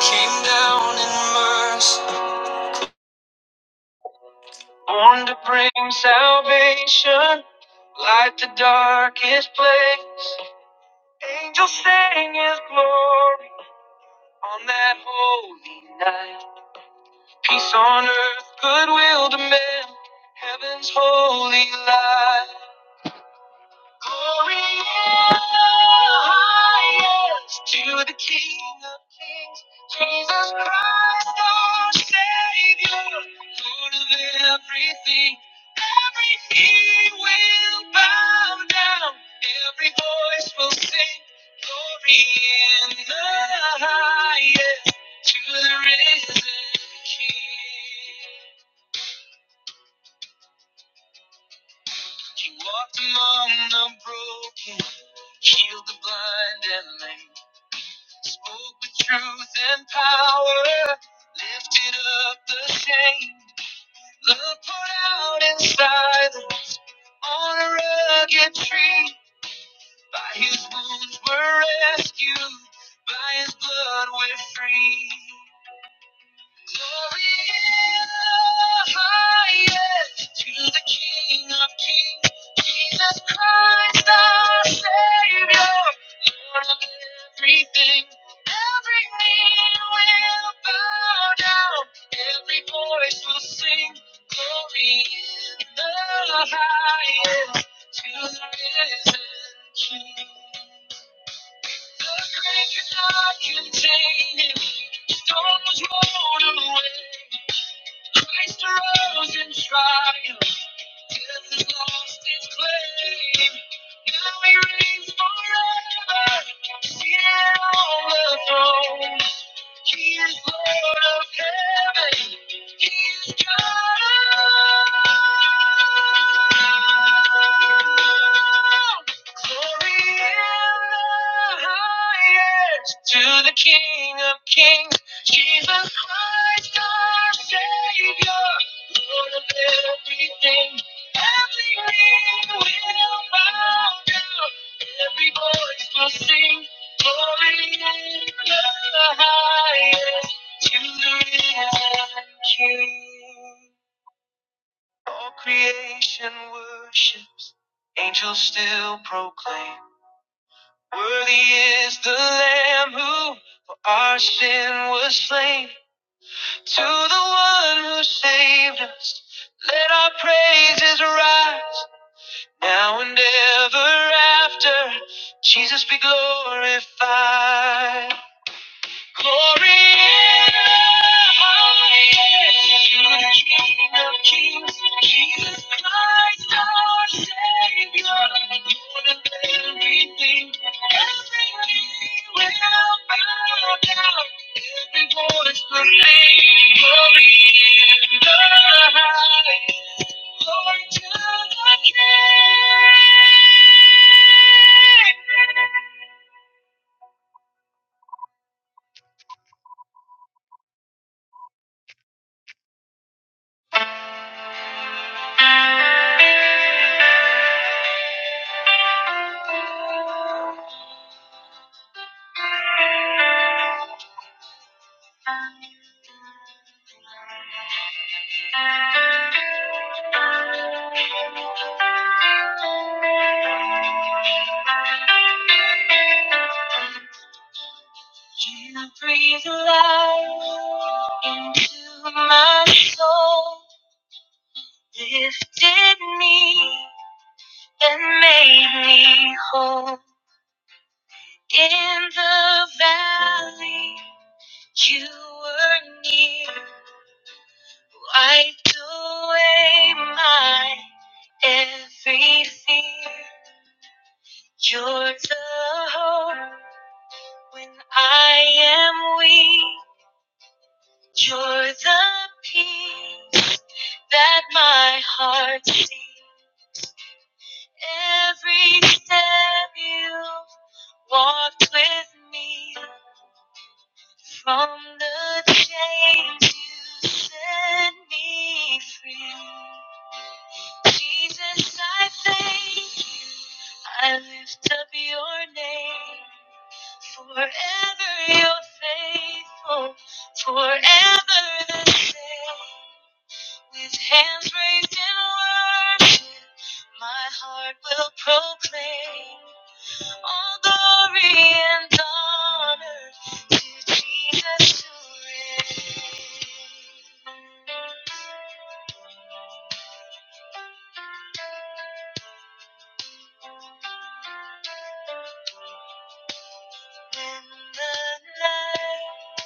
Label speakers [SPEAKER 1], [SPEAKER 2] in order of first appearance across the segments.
[SPEAKER 1] came down in mercy, born to bring salvation, light the darkest place. Angels sang his glory on that holy night. Peace on earth, goodwill to men, heaven's holy light. Glory in the highest to the King of Kings, Jesus Christ our Savior, Lord of everything. Every knee will bow down, every voice will sing. Glory in the highest to the risen King. He walked among the broken, healed the blind and lame. Spoke with truth and power, lifted up the shame. Love poured out in silence on a rugged tree. By his wounds we're rescued, by his blood we're free. Glory in the highest to the King of Kings, Jesus Christ our Savior, Lord of everything. Every knee will bow down, every voice will sing. Glory in the highest to the risen King. The grave could not contain him, stones rolled away. Christ arose in triumph. Death lost its claim. Now he reigns forever, seated on the throne. He is Lord of heaven. He is God. Glory in the to the King of Kings, Jesus Christ our Savior, Lord of everything. Every knee will bow down. Every voice will sing. Glory in the highest to the risen King. All creation worships. Angels still proclaim. Worthy is the Lamb who for our sin was slain. To the one who saved us, let our praises rise. now and ever after. Jesus be glorified. Glory to the King of Kings, Jesus Christ, our Savior. More than everything, everything will bow down. Every voice will sing, Glory in the highest. Glory to the King. Can I breathe life into my soul? Lifted me and made me whole. In the valley, you were near. Wiped away my every fear. You're the hope when I am weak. You're the peace that my heart seeks. Every step you have walked with me from the chains you set me free. Jesus, I thank you. I lift up your name. Forever you're faithful, forever the same. With hands raised in worship, my heart will proclaim all glory and honor to Jesus who reigns. When the night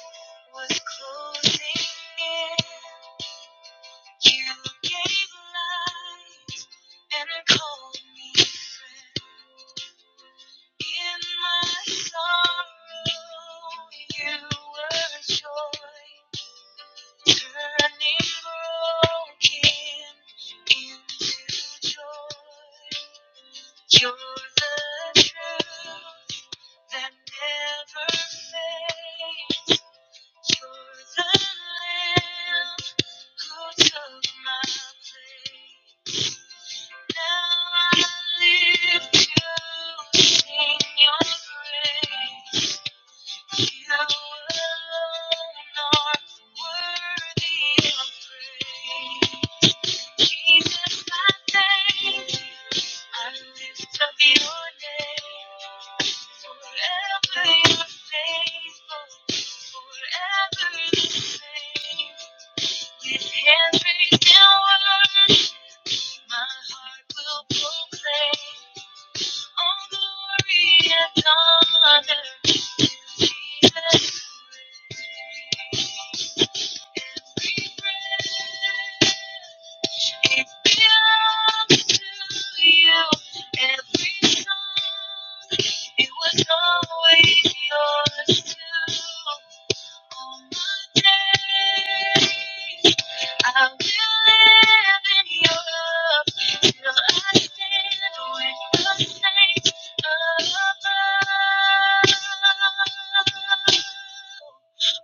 [SPEAKER 1] was closing in, you gave light and called me friend. In my sorrow, you were joy, turning broken into joy. You're the truth that never fades. Thank you. Jesus, I thank you. I lift up your name. Forever you're faithful. Forever the same. With hands raised in worship, my heart will proclaim. All glory and honor to Jesus. reigns. Every breath. It belongs to you. Every song, it was always yours too. All my days, I will live in your love till I stand with the saints above.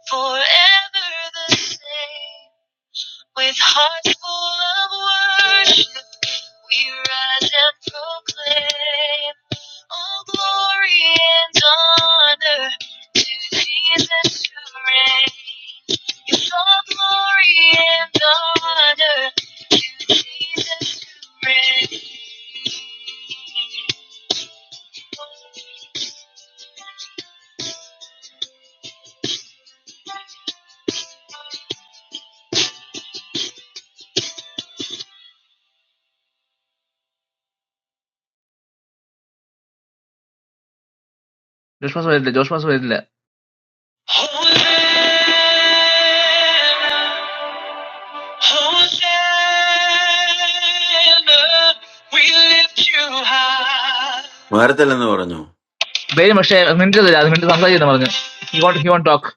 [SPEAKER 1] Forever the same. With hearts full of worship, we rise and proclaim all glory and honor to Jesus who reigns. Yes, all glory and honor to Jesus who reigns. Josh മാസം വരില്ല Josh മാസം വരില്ല Hold on, hold on. We lift you high.
[SPEAKER 2] മരത്തില്ലെന്ന് പറഞ്ഞു
[SPEAKER 1] Very much. I mental is bad. Mental something is there. He won't. He won't talk.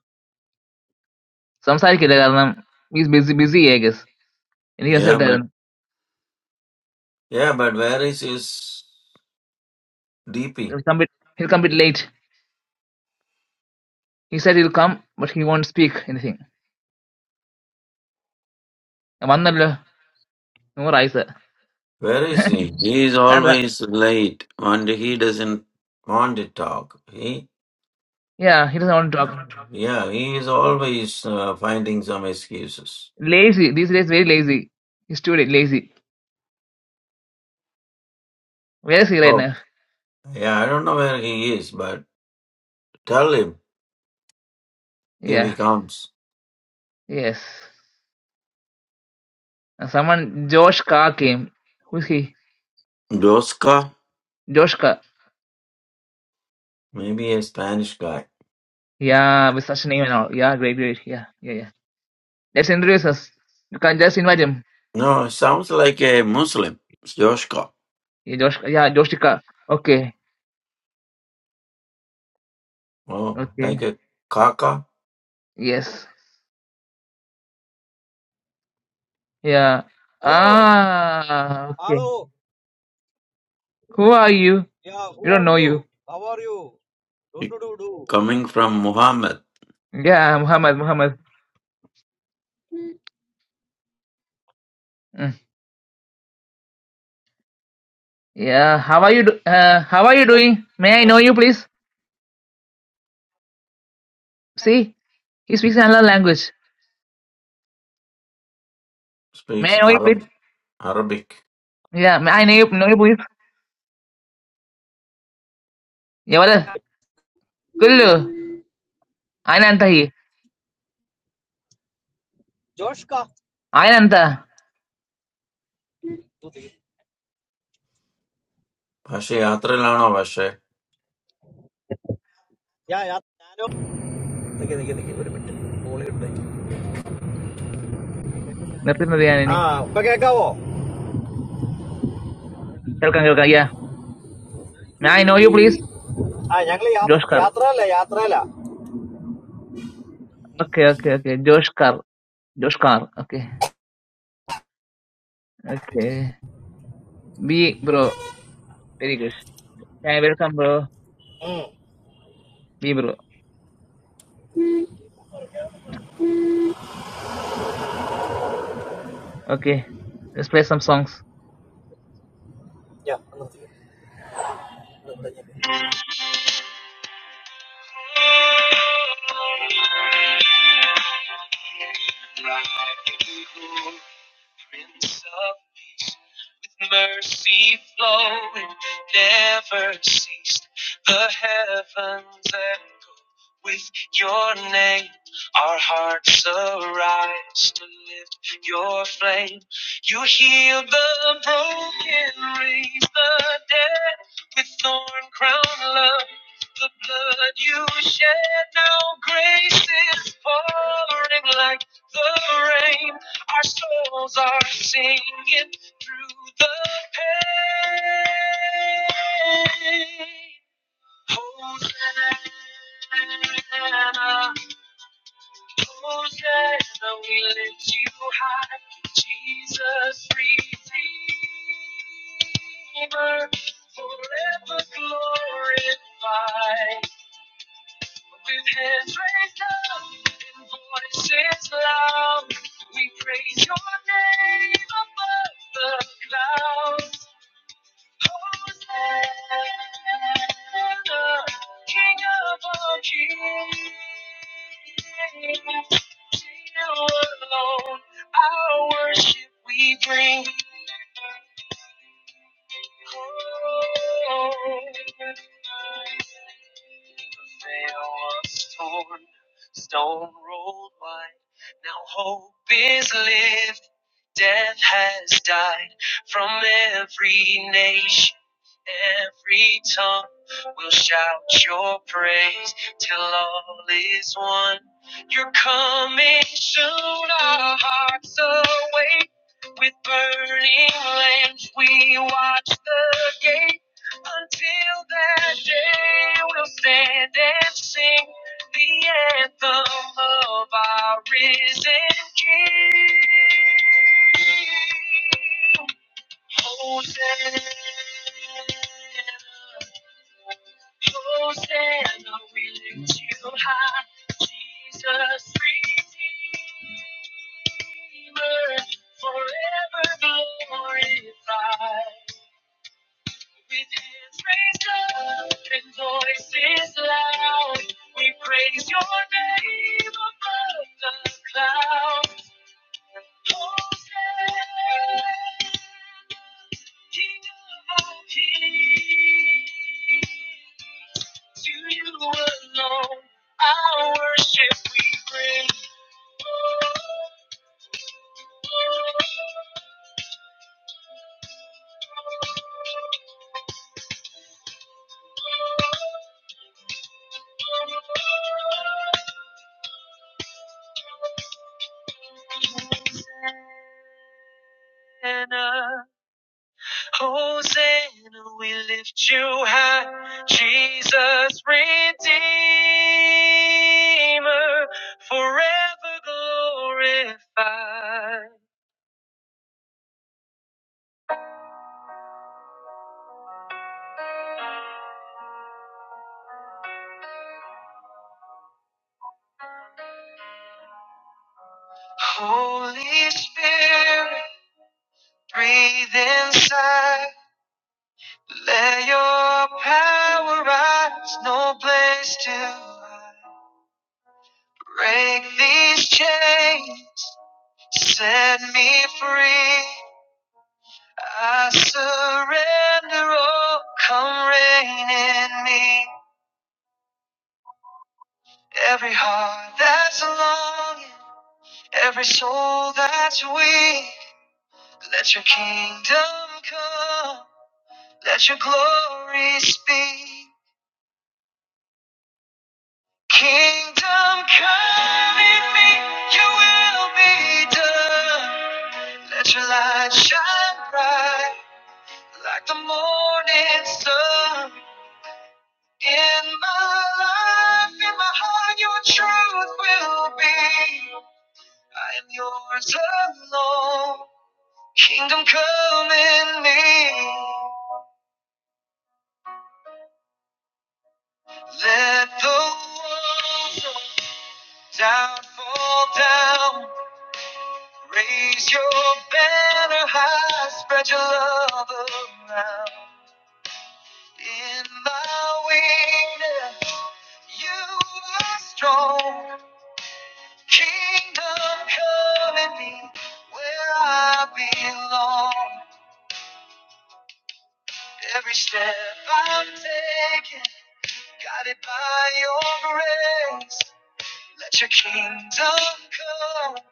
[SPEAKER 1] Sometime he will come. He is busy. Busy, I guess. And He has
[SPEAKER 2] Yeah, but
[SPEAKER 1] something.
[SPEAKER 2] yeah, but where is his DP?
[SPEAKER 1] He will come a bit late. He said he will come, but he won't speak anything. I wonder. No more ice.
[SPEAKER 2] Where is he? He is always late and he doesn't want to talk. He
[SPEAKER 1] Yeah, he doesn't want to talk.
[SPEAKER 2] yeah, he is always uh, finding some excuses.
[SPEAKER 1] Lazy these days. Very lazy. He studied. Lazy. Very lazy right
[SPEAKER 2] Oh
[SPEAKER 1] now.
[SPEAKER 2] yeah, I don't know where he is, but tell him if he
[SPEAKER 1] Yeah,
[SPEAKER 2] comes.
[SPEAKER 1] yes. And someone, Josh Carr came. Who's he?
[SPEAKER 2] Joska,
[SPEAKER 1] Josh Carr.
[SPEAKER 2] maybe a Spanish guy.
[SPEAKER 1] Yeah, with such a name and all. Yeah, great, great. Yeah, yeah, yeah. Let's introduce us. You can just invite him.
[SPEAKER 2] No, it sounds like a Muslim. Joska.
[SPEAKER 1] Yeah, Josh. Yeah, Josh Carr. Okay,
[SPEAKER 2] Oh,
[SPEAKER 1] okay.
[SPEAKER 2] like a kaka.
[SPEAKER 1] Yes. Yeah.
[SPEAKER 3] Hello,
[SPEAKER 1] Ah, okay.
[SPEAKER 3] hello.
[SPEAKER 1] Who are you?
[SPEAKER 3] Yeah,
[SPEAKER 1] We
[SPEAKER 3] who
[SPEAKER 1] don't
[SPEAKER 3] are
[SPEAKER 1] know
[SPEAKER 3] you?
[SPEAKER 1] you.
[SPEAKER 3] How are you? Don't
[SPEAKER 2] He,
[SPEAKER 3] do do do.
[SPEAKER 2] coming from Muhammad,
[SPEAKER 1] Yeah, Muhammad, Muhammad. Mm. Yeah, how are you? Do- uh, how are you doing? May I know you, please? See, he speaks another language. May
[SPEAKER 2] speaks
[SPEAKER 1] I know you,
[SPEAKER 2] Arab,
[SPEAKER 1] please?
[SPEAKER 2] Arabic.
[SPEAKER 1] Yeah, may I know you, know you please? Yeah, Cool. I know it.
[SPEAKER 3] Josh ka?
[SPEAKER 1] I know it.
[SPEAKER 3] Do the.
[SPEAKER 2] പക്ഷേ യാത്രയിലാണോ പക്ഷേ
[SPEAKER 3] Yeah, yeah. Look. Look. Look. നിക്ക് ഒരു minute കോളി ഉണ്ട്
[SPEAKER 1] Nothing to be
[SPEAKER 3] ആ,
[SPEAKER 1] angry.
[SPEAKER 3] ഇപ്പൊ കേക്കാവോ?
[SPEAKER 1] Tell me your country. May I know you, please?
[SPEAKER 3] ആ, ഞങ്ങള് യാത്ര-
[SPEAKER 1] Joshkar.
[SPEAKER 3] യാത്രയല്ല, യാത്രയല്ല.
[SPEAKER 1] Okay, okay, okay. Joshkar. Joshkar. Okay, okay. B bro. Very good. Thank you very much, bro. B bro. Okay. Let's play some songs.
[SPEAKER 3] Yeah.
[SPEAKER 1] Rightful Prince of Peace, with mercy flowing, never ceased. The heavens echo with your name. Our hearts arise to lift your flame. You heal the broken, raise the dead with thorn crown love. The blood you shed now, grace is pouring like the rain. Our souls are singing through the pain. Hosanna, Hosanna, we lift you high. Jesus, Redeemer, forever glorified. With hands raised up and voices loud, we praise your name above the clouds. The alone, our worship we bring. The veil was torn, Stone rolled wide. Now hope is lived. Death has died from every nation. Every tongue will shout your praise till all is one. You're coming soon, our hearts awake. With burning lamps, we watch the gate. Until that day, we'll stand and sing the anthem of our risen King. Hosanna, Hosanna, we lift you high. Jesus, Redeemer, forever glorified. With hands raised up and voices loud, we praise your name above the clouds. Hosanna, we lift you high, Jesus Redeemer, forever glorified. Holy Spirit. Breathe inside. Let your power rise. No place to hide. Break these chains. Set me free. I surrender all. Come reign in me. Every heart that's longing. Every soul that's weak. Let your kingdom come. Let your glory speak. Kingdom come in me, your will be done. Let your light shine bright like the morning sun. In my life, in my heart, your truth will be. I am yours alone. Kingdom come in me. Let the walls of doubt fall down. Raise your banner high, spread your love around. In my weakness, you are strong. Kingdom come in me, where I belong. Every step I'm taking, guided by your grace. Let your kingdom come.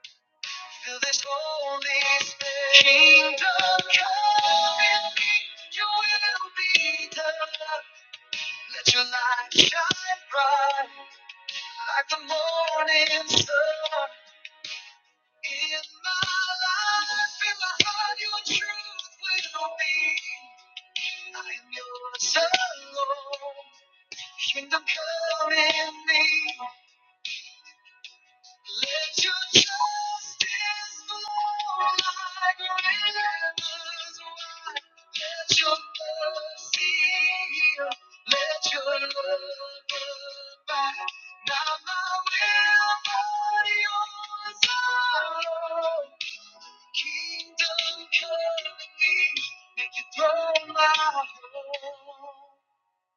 [SPEAKER 1] Feel this Holy Spirit. Kingdom come in me, your will be done. Let your light shine bright like the morning sun. In my life, in my heart, your truth will be. I am yours alone. Kingdom come in me. Let your justice flow like rivers wide. Let your mercy heal. Let your love abide. Not my will, but yours alone. Kingdom coming, make your throne my home.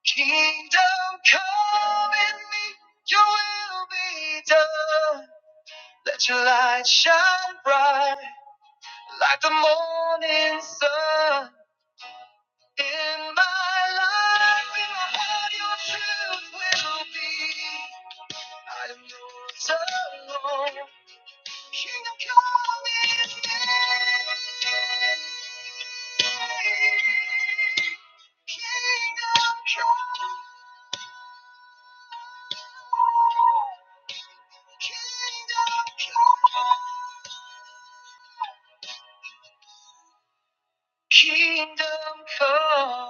[SPEAKER 1] Kingdom come in me, your will be done. Let your light shine bright like the morning sun in my life. In my heart, your truth will be. I am yours alone. Kingdom come is near. Kingdom come. Kingdom come. Kingdom come.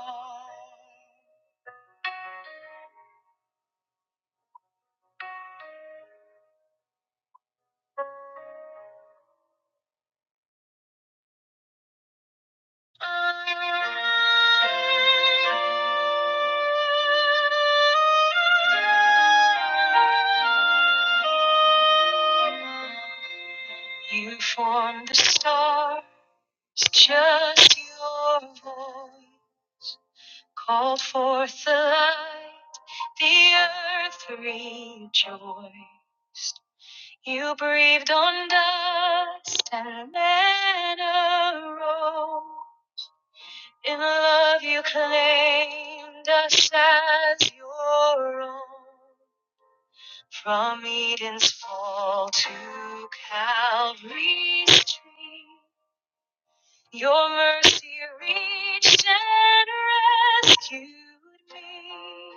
[SPEAKER 1] You formed the stars, just your voice called forth the light. The earth rejoiced. You breathed on dust and men arose. In love you claimed us as your own. From Eden's fall to Calvary's tree, your mercy reached and rescued me.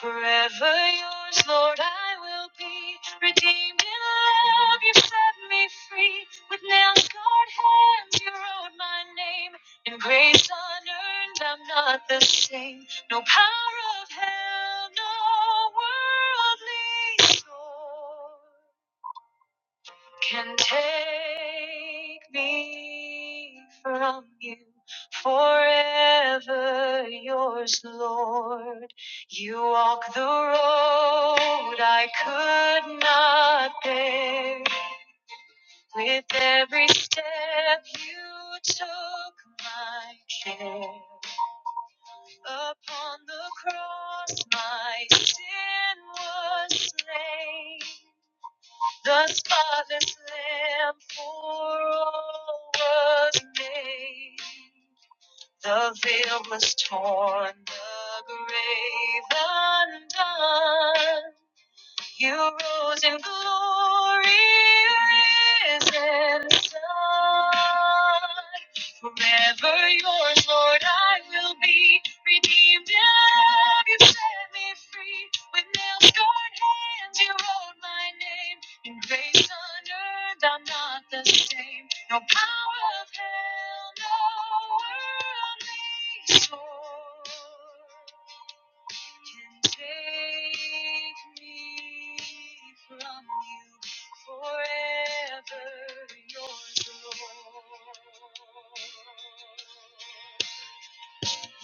[SPEAKER 1] Forever yours, Lord, I will be. Redeemed in love, you set me free. With nail scarred hands, you wrote my name. In grace unearned, I'm not the same. No power of hell, no worldly sword can take me from you forever yours lord you walk the road i could not bear with every step you took my care upon the cross my sin was slain the spotless lamb for all was made. The veil was torn, the grave undone. You rose in glory, risen sun. Forever yours, Lord, I will be. Redeemed in love, you set me free. With nail-scarred hands, you wrote my name. In grace unearned, I'm not the same. No power of hell, no worldly sword can take me from you forever, your Lord.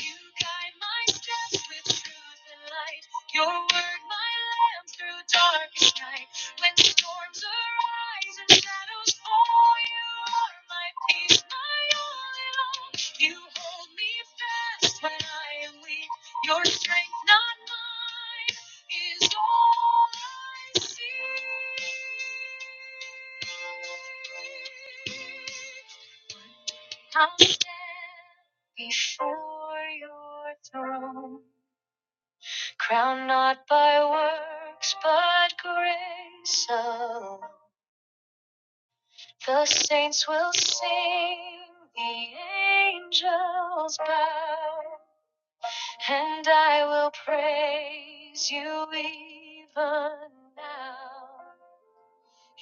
[SPEAKER 1] You guide my steps with truth and light. Your word, my lamp through darkest night. When storms arise and shadows fall, you are my peace, my all in all. You hold me fast when I am weak. Your strength, not mine, is all I see. I'll stand before your throne, crowned not by works, but grace alone. The saints will sing, the angels bow. And I will praise you even now.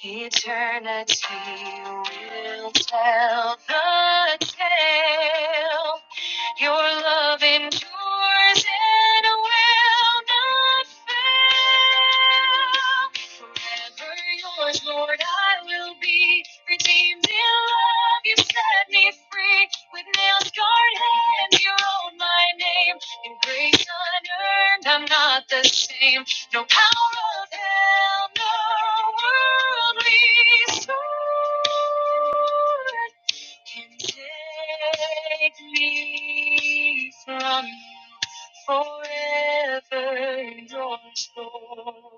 [SPEAKER 1] Eternity will tell the tale your love endures and will not fail. Forever yours, Lord, I will be. Redeemed in love, you set me free. With nail scarred hands, you wrote my name. In grace unearned, I'm not the same. No power of hell, no worldly sword can take me from you forever your soul.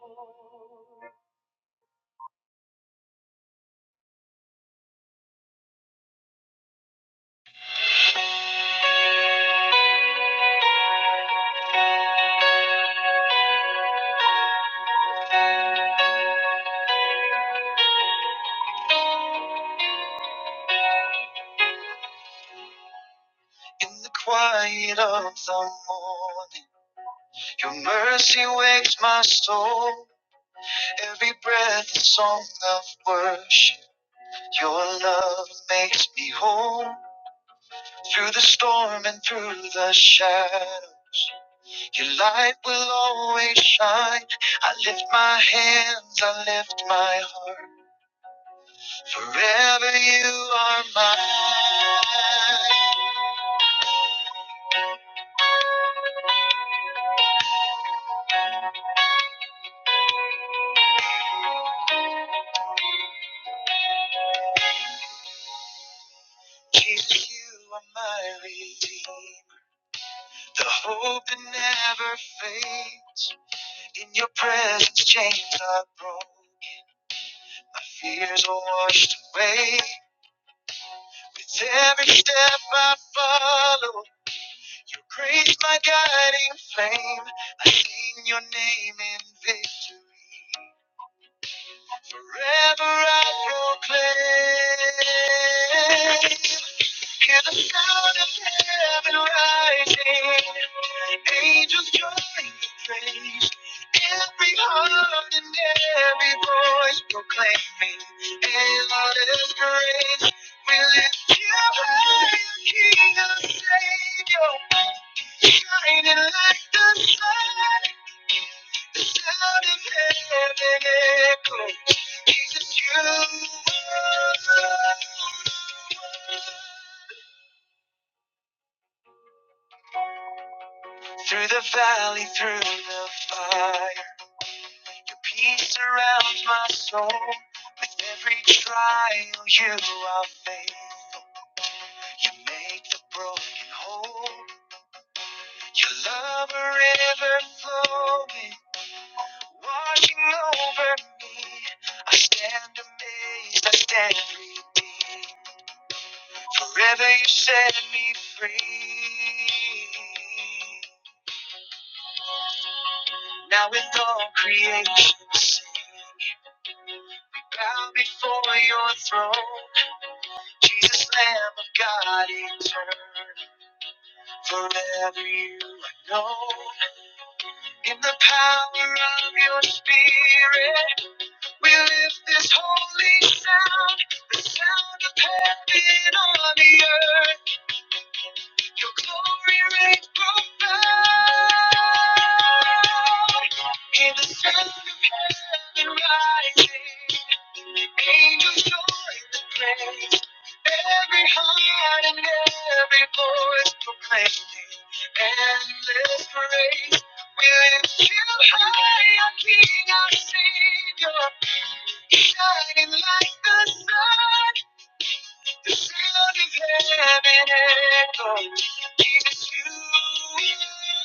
[SPEAKER 1] In the quiet of the morning, your mercy wakes my soul. Every breath a song of worship. Your love makes me whole through the storm and through the shadow. Your light will always shine. I lift my hands, I lift my heart. Forever you are mine. Jesus, you are my redeemer. The hope that never fades. In your presence, chains are broken. My fears are washed away with every step I follow. Your grace, my guiding flame. I sing your name in victory. Forever I proclaim. Hear the sound of heaven rising, angels join the praise. Every heart and every voice proclaiming, endless grace. We lift you high, King and Savior, shining like the sun. The sound of heaven echoes, Jesus, you are. Lord. Through the valley, through the fire, your peace surrounds my soul. With every trial, you are faithful. You make the broken whole. Your love a river flowing, washing over me. I stand amazed, I stand redeemed. Forever you set me free. Now with all creation. Bow before your throne, Jesus, Lamb of God, eternal. Forever you are known. In the power of your spirit, we lift this holy sound, the sound of heaven on the earth. Your glory reigns profound. Hear the sound of heaven rising, angels join the praise. Every heart and every voice proclaiming endless praise. We lift you high, our King, our Savior, shining like the sun. The sound of heaven echoes. Give us you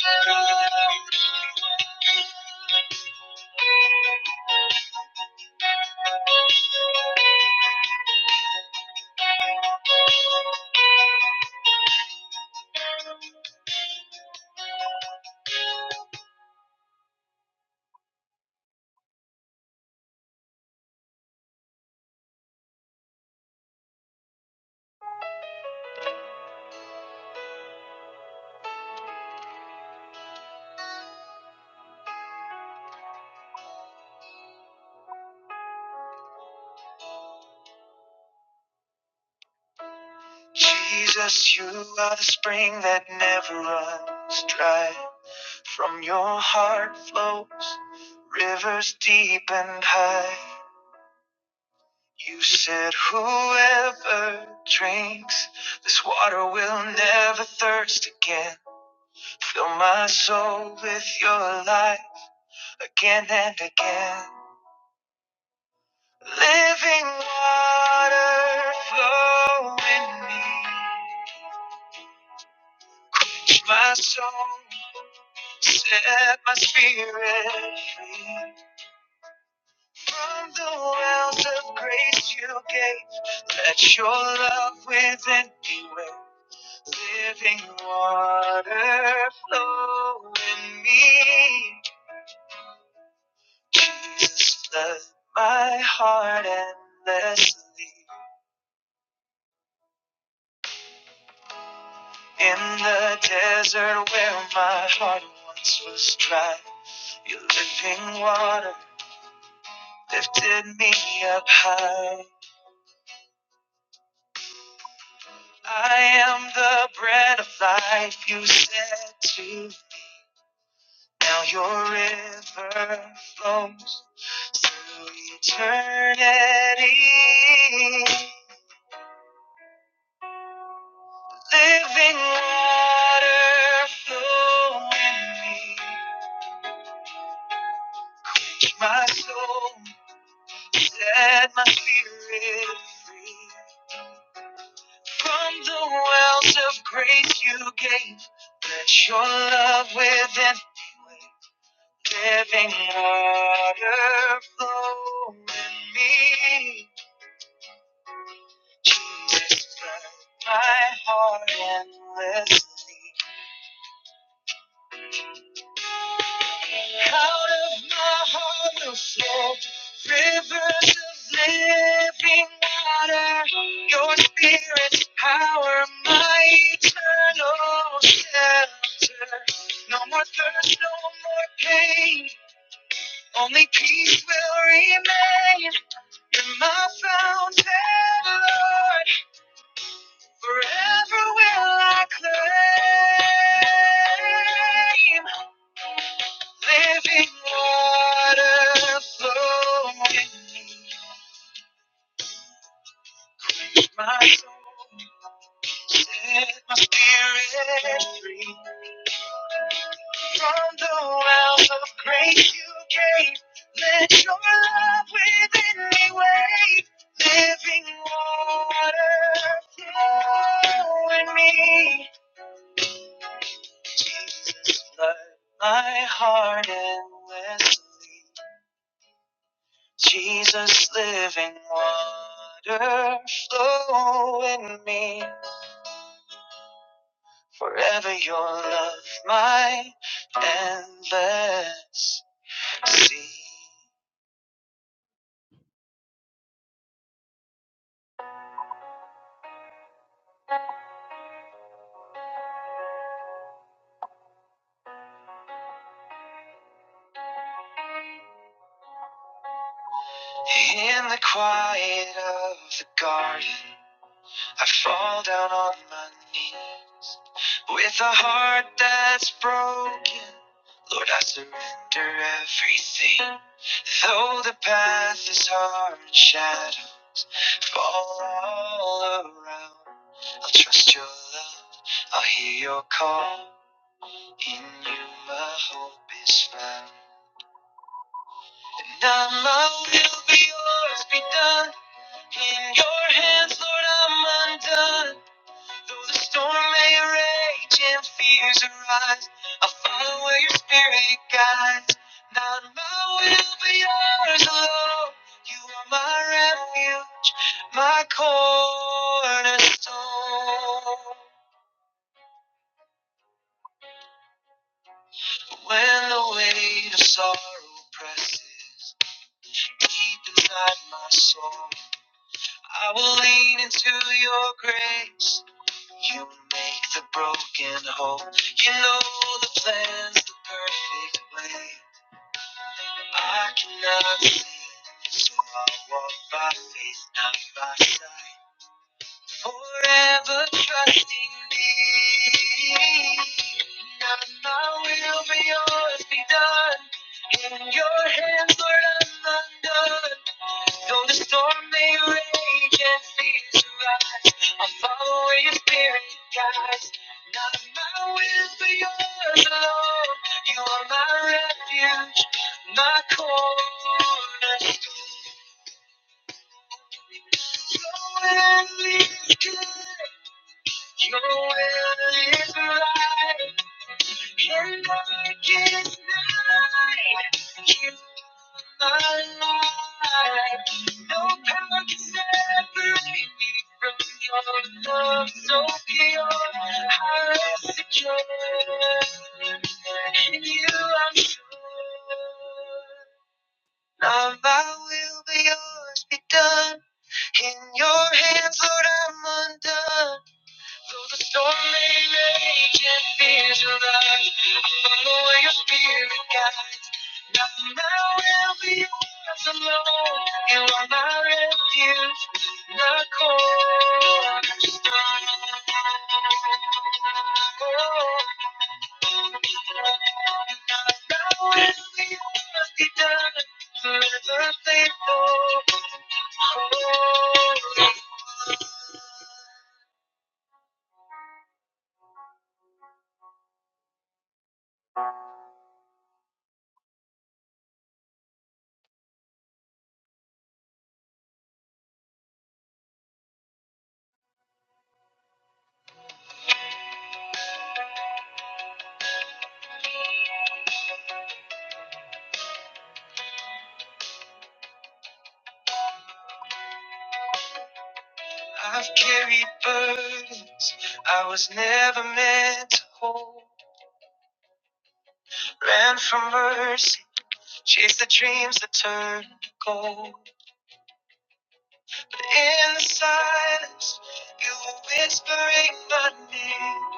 [SPEAKER 1] alone. Jesus, you are the spring that never runs dry. From your heart flows rivers deep and high. You said, Whoever drinks this water will never thirst again. Fill my soul with your light again and again. Living water flow in me. My soul set my spirit free from the wells of grace you gave. Let your love within me where living water flow in me. Jesus, flood my heart endlessly. In the desert where my heart once was dry, your living water lifted me up high. I am the bread of life you said to. Now your river flows. Eternity, living water flowing me. My soul and my spirit free. From the wells of grace you gave, let your love within me, living water flowing in me. Turn my heart endlessly. Out of my heart will flow rivers of living water. Your spirit's power, my eternal shelter. No more thirst, no more pain. Only peace will remain. You're my fountain, Lord. Forever will I claim. Living water flowing my soul, set my spirit free. From the wells of grace you gave, let your love within me wave. Living water flowing me, flood my heart endlessly. Jesus, living water flow in me. Forever your love, my endless sea. In the quiet of the garden, I fall down on my knees. With a heart that's broken, Lord, I surrender everything. Though the path is hard and shadow, fall all around. I'll trust your love, I'll hear your call. In you, my hope is found. Thy love will be yours, be done. In your hands, Lord, I'm undone. Though the storm may rage and fears arise, I'll follow where your spirit guides. Not my will, but yours alone. You are my refuge, my cornerstone. When the weight of sorrow presses deep inside my soul. I will lean into your grace. You make the broken whole. You know the plan's the perfect way. I cannot see, so I walk by faith, not by sight. Forever trusting thee. Not my will, but yours be done. In your hands, Lord, I'm undone. Though the storm may rage and fears I follow your spirit, guides. Not my will, but yours alone. You are my refuge, my corner. So at least good. Your will is right. Your work is night. You are my light. No power can separate me from your love so pure. I rest secure. In you I'm sure. Not my will, but yours be done. In your hands, Lord, I'm undone. Though the storm may rage and fears arise, I follow where your spirit guides. now, I will be left alone. You are my refuge, my cornerstone. Now my will be must be done. Forever faithful. Oh. I've carried burdens I was never meant to hold. Ran from mercy, chased the dreams that turned to gold. In the silence, you were whispering my name,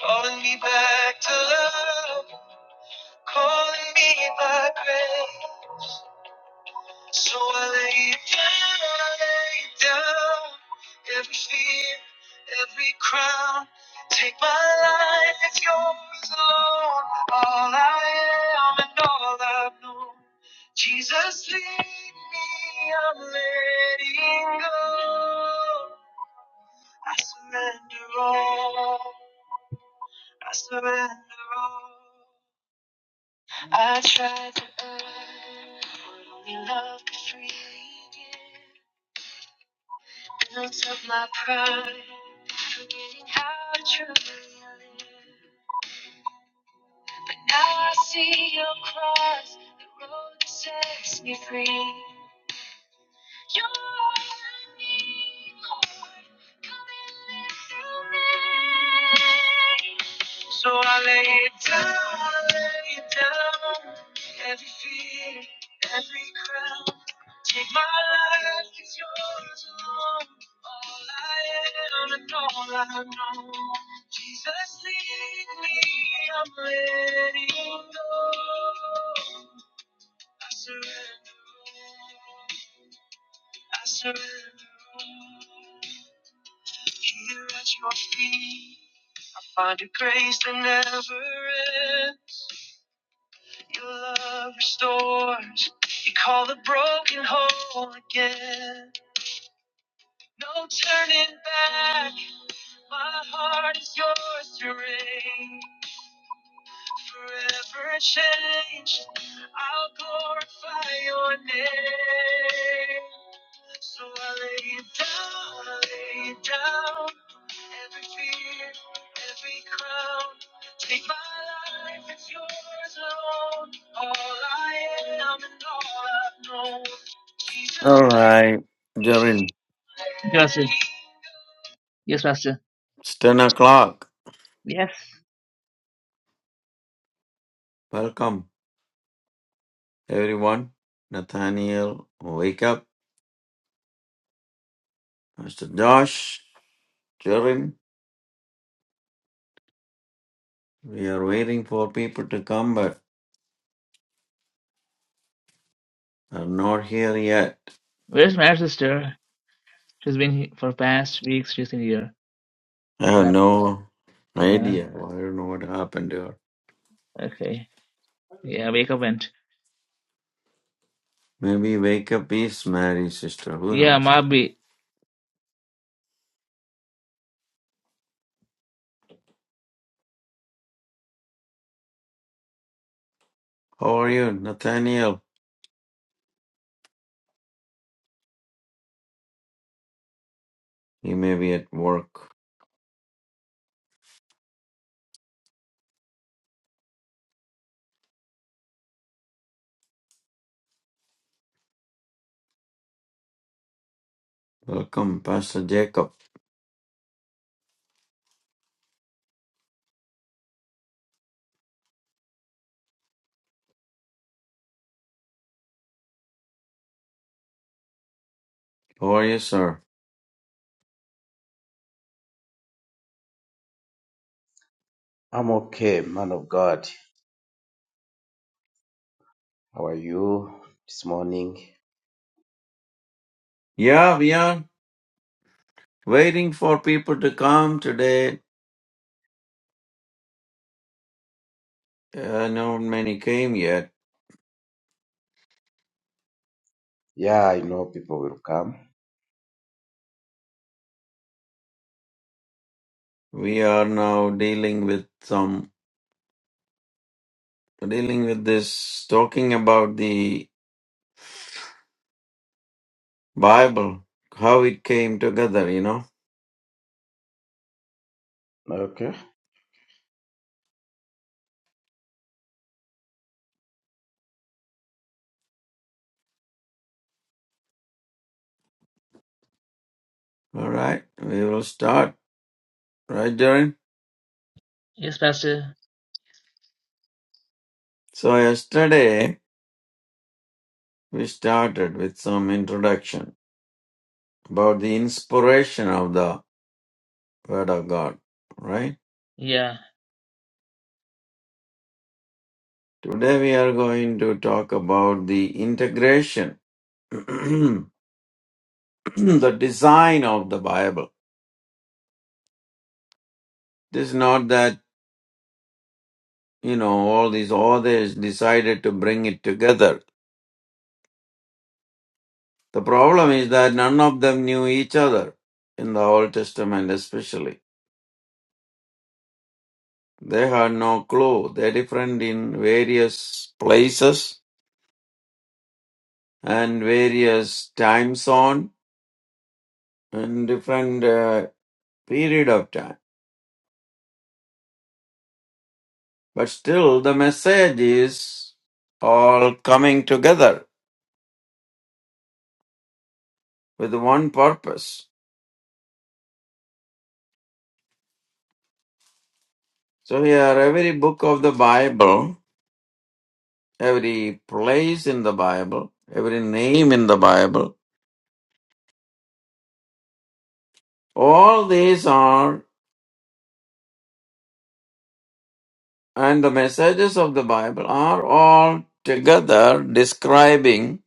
[SPEAKER 1] calling me back to love, calling me by grace. So I lay it down, I lay it down. Every fear, every crown. Take my life, it's yours alone. All I am and all I've known. Jesus, lead me, I'm letting go. I surrender all, I surrender all. I tried to earn what only love could freely give. Silence of my pride, forgetting how truly I live. Now I see your cross, the road that sets me free. So I lay it down, I lay it down. Every fear, every crown. Take my life, it's yours alone. All I am and all I know. Jesus, lead me, I'm letting go. I surrender. all. I surrender all. Here at your feet, find a grace that never ends. Your love restores. You call the broken whole again. No turning back. My heart is yours to reign. forever change. I'll glorify your name. So I lay it down, I lay it down. Every fear, every crown. Take my life, it's yours alone. All I am and all I've known. Jesus,
[SPEAKER 2] All right, Jarin.
[SPEAKER 1] lead. Pastor. Yes, Pastor.
[SPEAKER 2] It's 10 o'clock.
[SPEAKER 1] Yes.
[SPEAKER 2] Welcome, everyone. Nathaniel, wake up. Mr. Josh, Jarin, we are waiting for people to come, but are not here yet.
[SPEAKER 1] Where's my sister? She's been here for past weeks. She's in here.
[SPEAKER 2] I
[SPEAKER 1] What
[SPEAKER 2] have
[SPEAKER 1] happened?
[SPEAKER 2] no
[SPEAKER 1] Yeah.
[SPEAKER 2] idea. I don't know what happened here.
[SPEAKER 1] Okay. Yeah, wake up and
[SPEAKER 2] Maybe wake up is Mary's sister. Who
[SPEAKER 1] yeah,
[SPEAKER 2] knows?
[SPEAKER 1] Mabi.
[SPEAKER 2] How are you, Nathaniel? He may be at work. Welcome, Pastor Jacob. How are you, sir?
[SPEAKER 4] I'm okay, man of God. How are you this morning?
[SPEAKER 2] Yeah, we are waiting for people to come today. Uh, not many came yet.
[SPEAKER 4] Yeah, I know people will come.
[SPEAKER 2] We are now dealing with some, dealing with this, talking about the Bible, how it came together, you know.
[SPEAKER 4] Okay.
[SPEAKER 2] All right, we will start. Right, Jaren?
[SPEAKER 1] Yes, Pastor.
[SPEAKER 2] So, yesterday we started with some introduction about the inspiration of the Word of God, right?
[SPEAKER 1] Yeah.
[SPEAKER 2] Today we are going to talk about the integration, the design of the Bible. This is not that, you know, all these authors decided to bring it together. The problem is that none of them knew each other in the Old Testament, especially. They had no clue. They're different in various places and various time zone and different uh, period of time. But still, the message is all coming together with one purpose. So, here, every book of the Bible, every place in the Bible, every name in the Bible, all these are, and the messages of the Bible are all together describing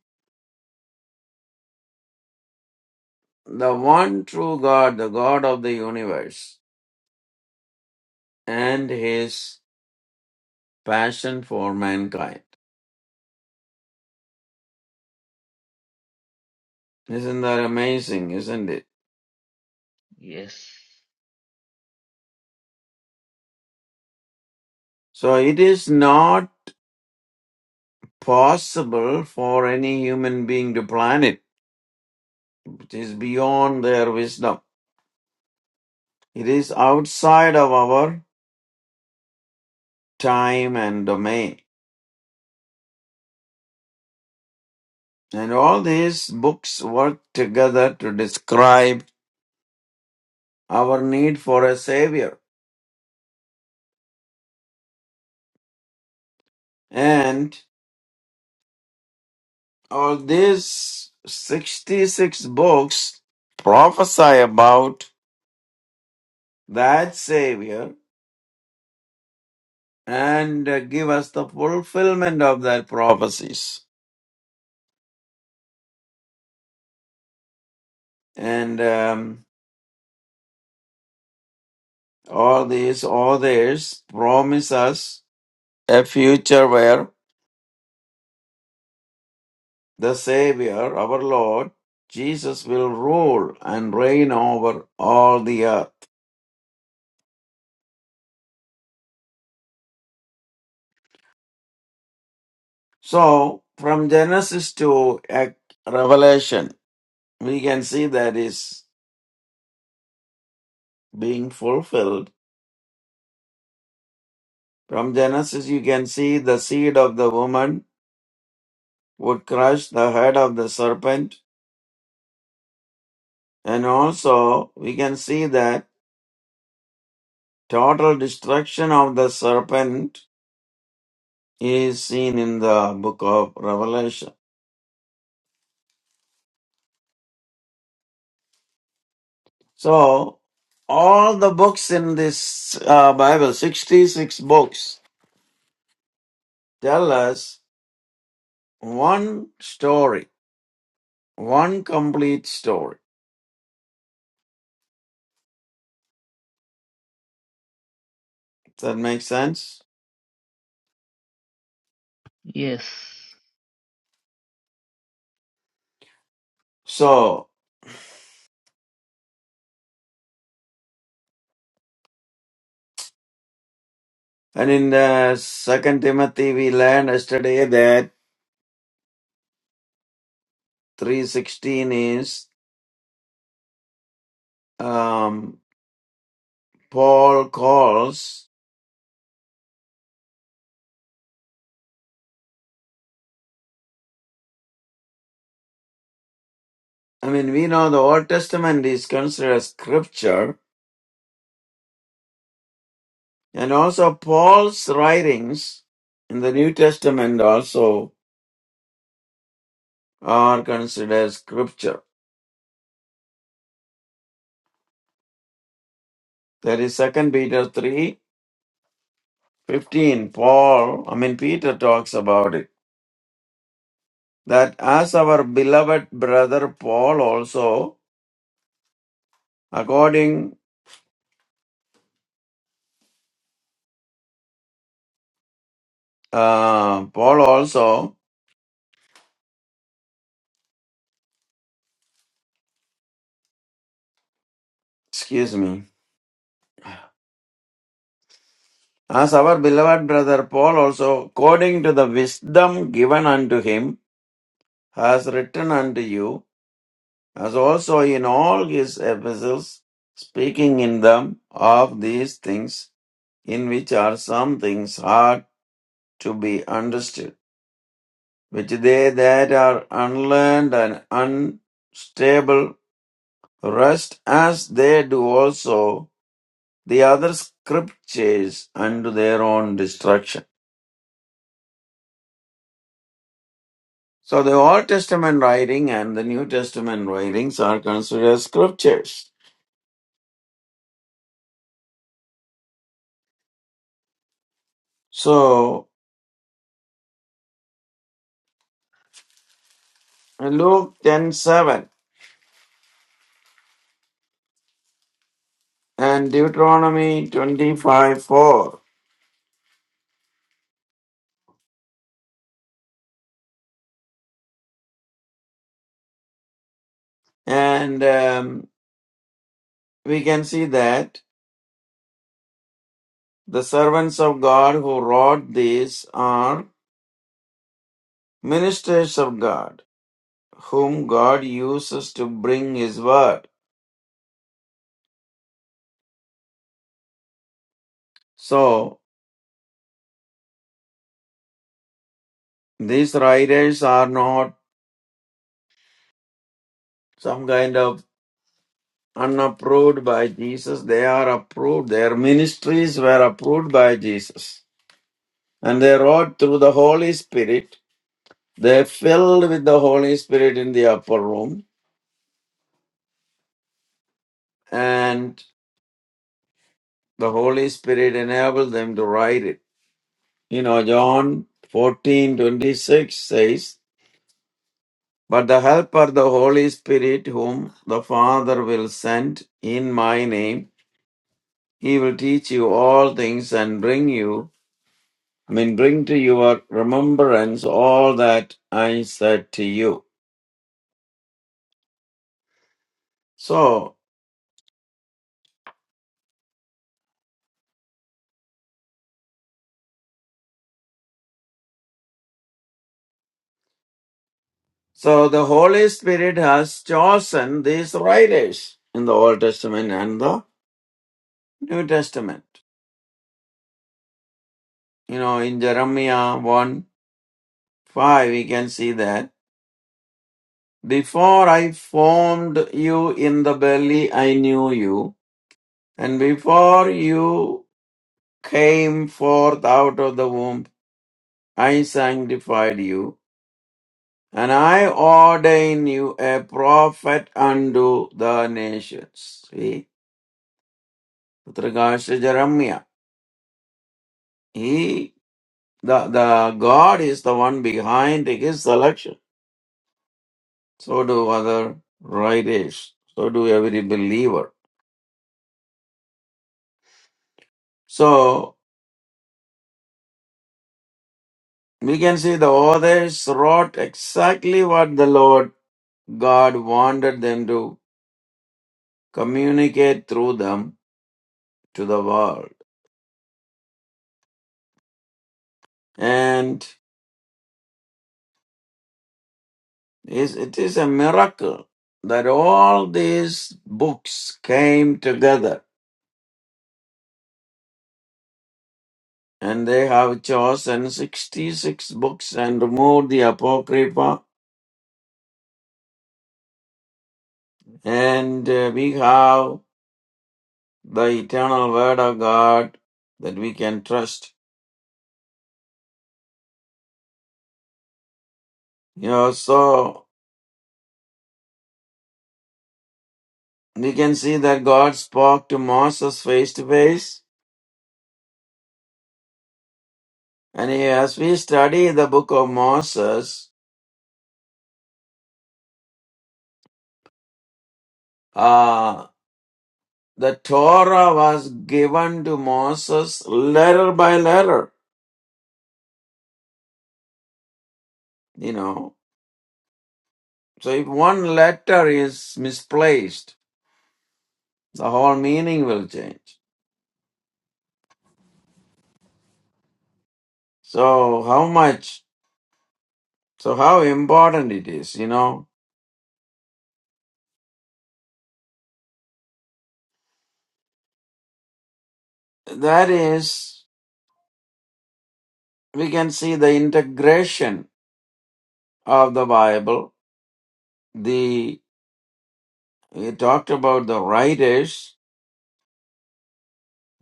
[SPEAKER 2] the one true God, the God of the universe, and his passion for mankind. Isn't that amazing, isn't it?
[SPEAKER 1] Yes.
[SPEAKER 2] So it is not possible for any human being to plan it. It is beyond their wisdom. It is outside of our time and domain. And all these books work together to describe our need for a savior. And all these 66 books prophesy about that savior and uh, give us the fulfillment of their prophecies. and um, all these others promise us a future where the Savior, our Lord, Jesus will rule and reign over all the earth. So, from Genesis to Ac- Revelation, we can see that is being fulfilled. From Genesis, you can see the seed of the woman would crush the head of the serpent, and also we can see that. Total destruction of the serpent is seen in the book of Revelation. So, all the books in this uh, Bible, 66 books, tell us one story, one complete story. Does that make sense?
[SPEAKER 1] Yes.
[SPEAKER 2] So, and in the Second Timothy, we learned yesterday that 316 is um, Paul calls I mean, we know the Old Testament is considered as scripture, and also Paul's writings in the New Testament also are considered as scripture. That is is Second Peter three fifteen. Paul, I mean, Peter talks about it. That as our beloved brother Paul also, according, uh, Paul also, excuse me, as our beloved brother Paul also, according to the wisdom given unto him, has written unto you, as also in all his epistles, speaking in them of these things, in which are some things hard to be understood, which they that are unlearned and unstable rest as they do also the other scriptures unto their own destruction. So the Old Testament writing and the New Testament writings are considered scriptures. So Luke ten seven and Deuteronomy 25 4. And um, we can see that the servants of God who wrote these are ministers of God, whom God uses to bring His word. So these writers are not some kind of unapproved by Jesus, they are approved. Their ministries were approved by Jesus. And they wrote through the Holy Spirit They filled with the Holy Spirit in the upper room, and the Holy Spirit enabled them to write it. You know, John fourteen twenty six says, But the Helper, the Holy Spirit, whom the Father will send in my name, he will teach you all things and bring you, I mean, bring to your remembrance all that I said to you. So So the Holy Spirit has chosen these writers in the Old Testament and the New Testament. You know, in Jeremiah 1 5, we can see that before I formed you in the belly, I knew you, and before you came forth out of the womb, I sanctified you, and I ordained you a prophet unto the nations. See, with regards to Jeremiah. he The, the God is the one behind his selection. So do other writers. So do every believer. So we can see the others wrote exactly what the Lord God wanted them to communicate through them to the world. And is- it is a miracle that all these books came together and they have chosen 66 books and removed the Apocrypha And uh, we have the eternal word of God that we can trust. You know, so we can see that God spoke to Moses face to face. And as we study the book of Moses, uh, the Torah was given to Moses letter by letter, you know. So if one letter is misplaced, the whole meaning will change. So how much, so how important it is, you know That is, we can see the integration of the Bible. The we talked about the writers,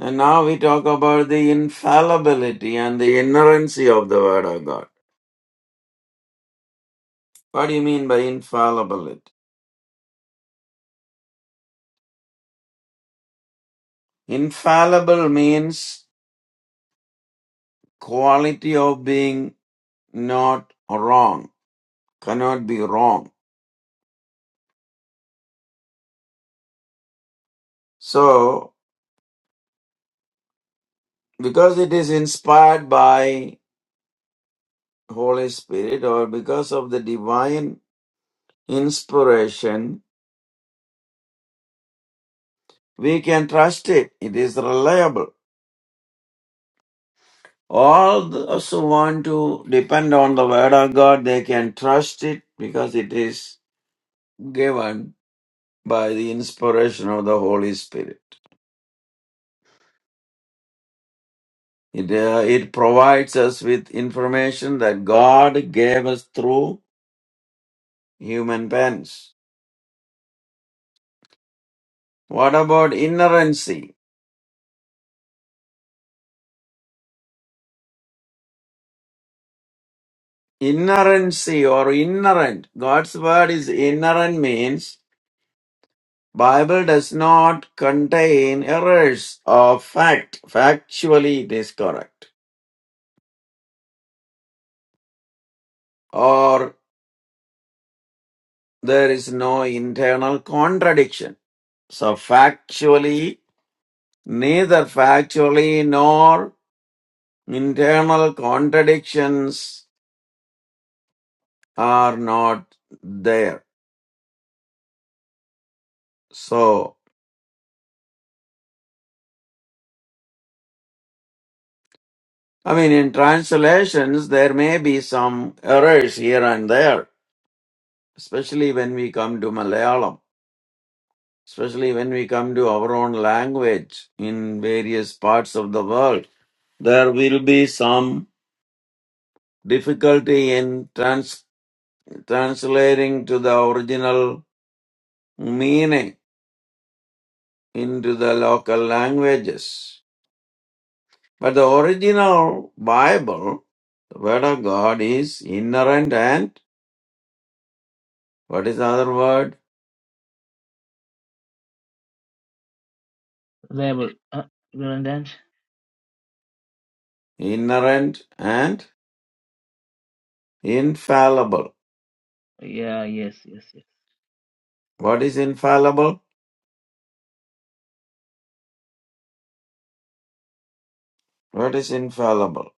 [SPEAKER 2] and now we talk about the infallibility and the inerrancy of the Word of God. What do you mean by infallibility? Infallible means quality of being not wrong, cannot be wrong. So, because it is inspired by Holy Spirit or because of the divine inspiration, we can trust it. It is reliable. All those who want to depend on the Word of God, they can trust it because it is given by the inspiration of the Holy Spirit. It, uh, it provides us with information that God gave us through human pens. What about inerrancy? Inerrancy or inherent. God's word is inherent means Bible does not contain errors of fact. Factually, it is correct. Or there is no internal contradiction. So factually, neither factually nor internal contradictions are not there. So, I mean, in translations, there may be some errors here and there, especially when we come to Malayalam. especially when we come to our own language in various parts of the world, there will be some difficulty in trans- translating to the original meaning into the local languages. But the original Bible, the Word of God, is inherent and what is the other word?
[SPEAKER 1] Level. Uh, will and dance.
[SPEAKER 2] Inherent and infallible.
[SPEAKER 1] Yeah. Yes. Yes. Yes.
[SPEAKER 2] What is infallible? What is infallible?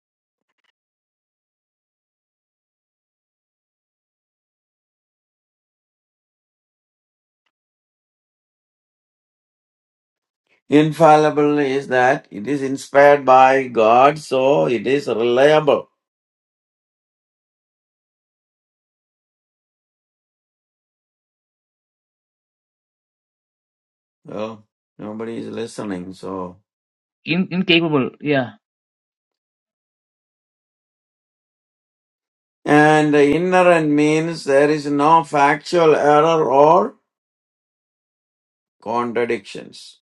[SPEAKER 2] Infallible is that it is inspired by God, so it is reliable. Well, nobody is listening, so.
[SPEAKER 1] In incapable. Yeah.
[SPEAKER 2] And inerrant means there is no factual error or contradictions.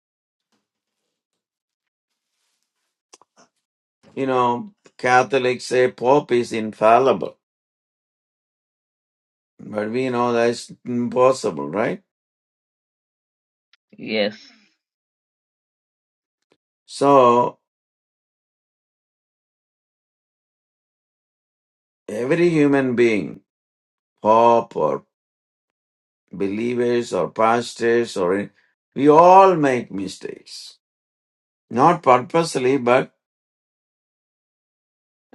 [SPEAKER 2] You know, Catholics say Pope is infallible, but we know that's impossible, right?
[SPEAKER 1] Yes.
[SPEAKER 2] So, every human being, Pope or believers or pastors or we all make mistakes not purposely, but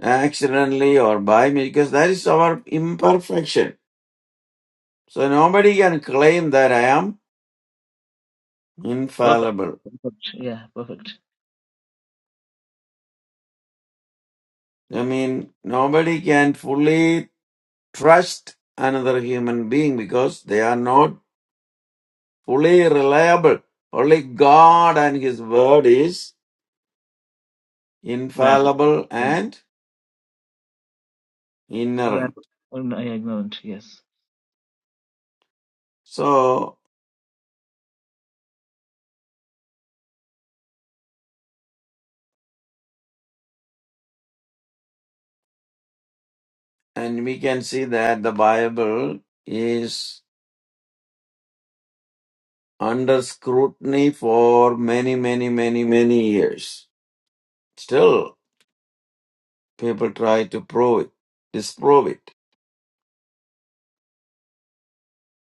[SPEAKER 2] accidentally or by me, because that is our imperfection. So nobody can claim that I am
[SPEAKER 1] Perfect.
[SPEAKER 2] infallible.
[SPEAKER 1] Perfect. Yeah. Perfect.
[SPEAKER 2] I mean, nobody can fully trust another human being because they are not fully reliable. Only God and His Word is
[SPEAKER 1] Level.
[SPEAKER 2] infallible and inerrant.
[SPEAKER 1] Level. Oh, no, yeah, ignorant. Yes.
[SPEAKER 2] So, and we can see that the Bible is under scrutiny for many, many, many, many years. Still, people try to prove it, disprove it.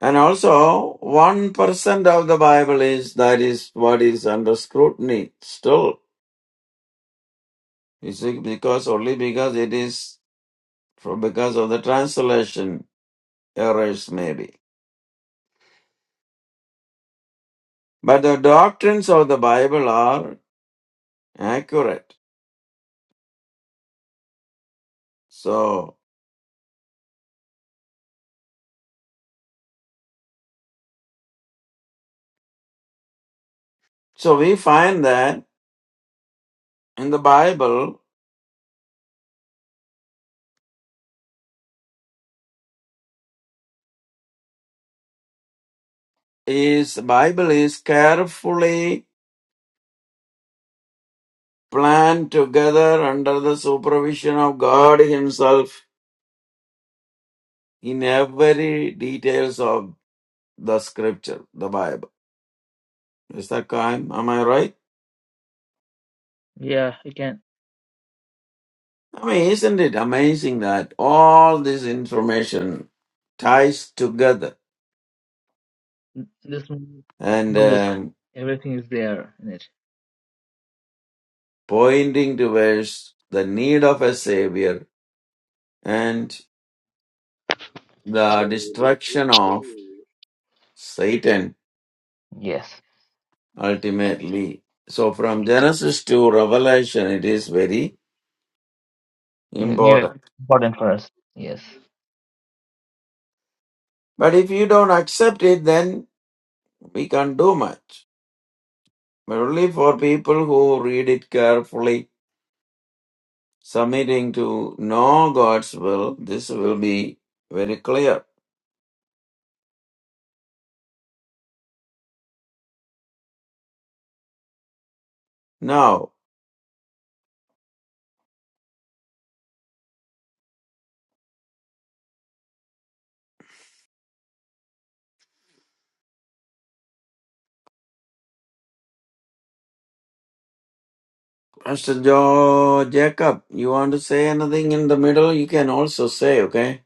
[SPEAKER 2] And also, 1% of the Bible is, that is what is under scrutiny still. You see, because only because it is, for, because of the translation errors maybe. But the doctrines of the Bible are accurate. So, so we find that in the Bible, His Bible is carefully planned together under the supervision of God Himself in every details of the scripture, the Bible. Is that kind? Am I right?
[SPEAKER 1] Yeah. You can.
[SPEAKER 2] I mean, isn't it amazing that all this information ties together
[SPEAKER 1] This
[SPEAKER 2] and
[SPEAKER 1] notebook.
[SPEAKER 2] um,
[SPEAKER 1] Everything is there in it.
[SPEAKER 2] pointing towards the need of a savior and the destruction of Satan
[SPEAKER 1] Yes.
[SPEAKER 2] ultimately. So from Genesis to Revelation, it is very
[SPEAKER 1] You need it.
[SPEAKER 2] important.
[SPEAKER 1] Important for us. Yes.
[SPEAKER 2] But if you don't accept it, then we can't do much. But only for people who read it carefully, submitting to know God's will, this will be very clear. Now, Pastor Jo Jacob, you want to say anything in the middle? You can also say, okay?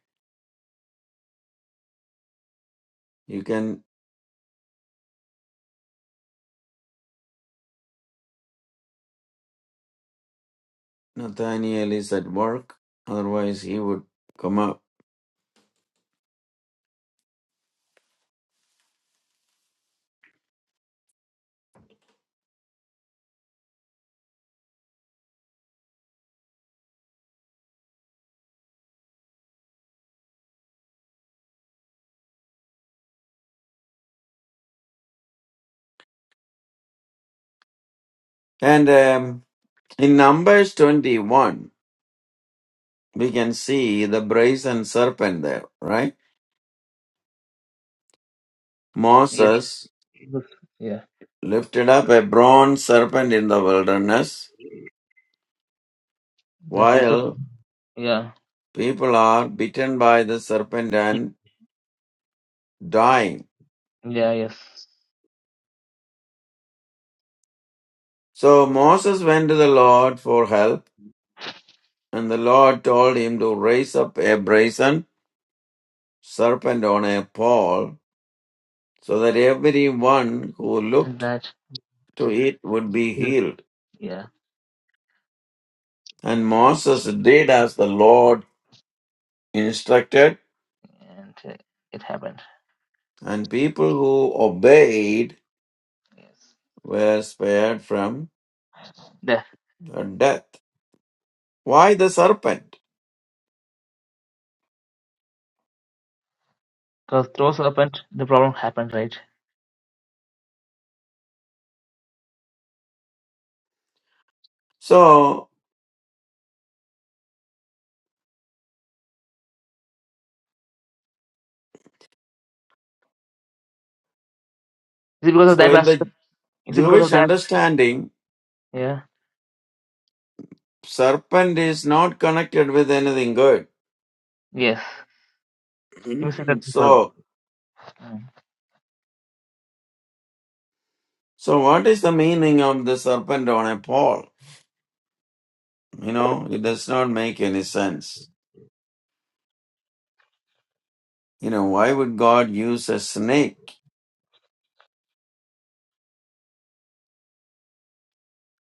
[SPEAKER 2] You can. Nathaniel is at work, otherwise he would come up. And um, In Numbers 21, we can see the brazen serpent there, right?
[SPEAKER 1] Yes.
[SPEAKER 2] Moses
[SPEAKER 1] Yes. Yeah.
[SPEAKER 2] lifted up a bronze serpent in the wilderness
[SPEAKER 1] The paper.
[SPEAKER 2] while
[SPEAKER 1] Yeah.
[SPEAKER 2] people are bitten by the serpent and dying.
[SPEAKER 1] Yeah, yes,
[SPEAKER 2] So Moses went to the Lord for help, and the Lord told him to raise up a brazen serpent on a pole so that everyone who
[SPEAKER 1] and
[SPEAKER 2] looked
[SPEAKER 1] that,
[SPEAKER 2] to it would be
[SPEAKER 1] Yes.
[SPEAKER 2] healed.
[SPEAKER 1] yeah,
[SPEAKER 2] And Moses did as the Lord instructed,
[SPEAKER 1] and uh, it happened.
[SPEAKER 2] and people who obeyed
[SPEAKER 1] Yes,
[SPEAKER 2] were spared from
[SPEAKER 1] the
[SPEAKER 2] the death. Why the serpent?
[SPEAKER 1] because those happened, the problem happened, right?
[SPEAKER 2] So,
[SPEAKER 1] Is it because of
[SPEAKER 2] so
[SPEAKER 1] that
[SPEAKER 2] in the
[SPEAKER 1] bastard? Is it because
[SPEAKER 2] Jewish
[SPEAKER 1] of that?
[SPEAKER 2] understanding,
[SPEAKER 1] Yeah,
[SPEAKER 2] serpent is not connected with anything good.
[SPEAKER 1] yes, he mistreated that people.
[SPEAKER 2] so,
[SPEAKER 1] Mm.
[SPEAKER 2] so what is the meaning of the serpent on a pole? You know, it does not make any sense. You know, why would God use a snake?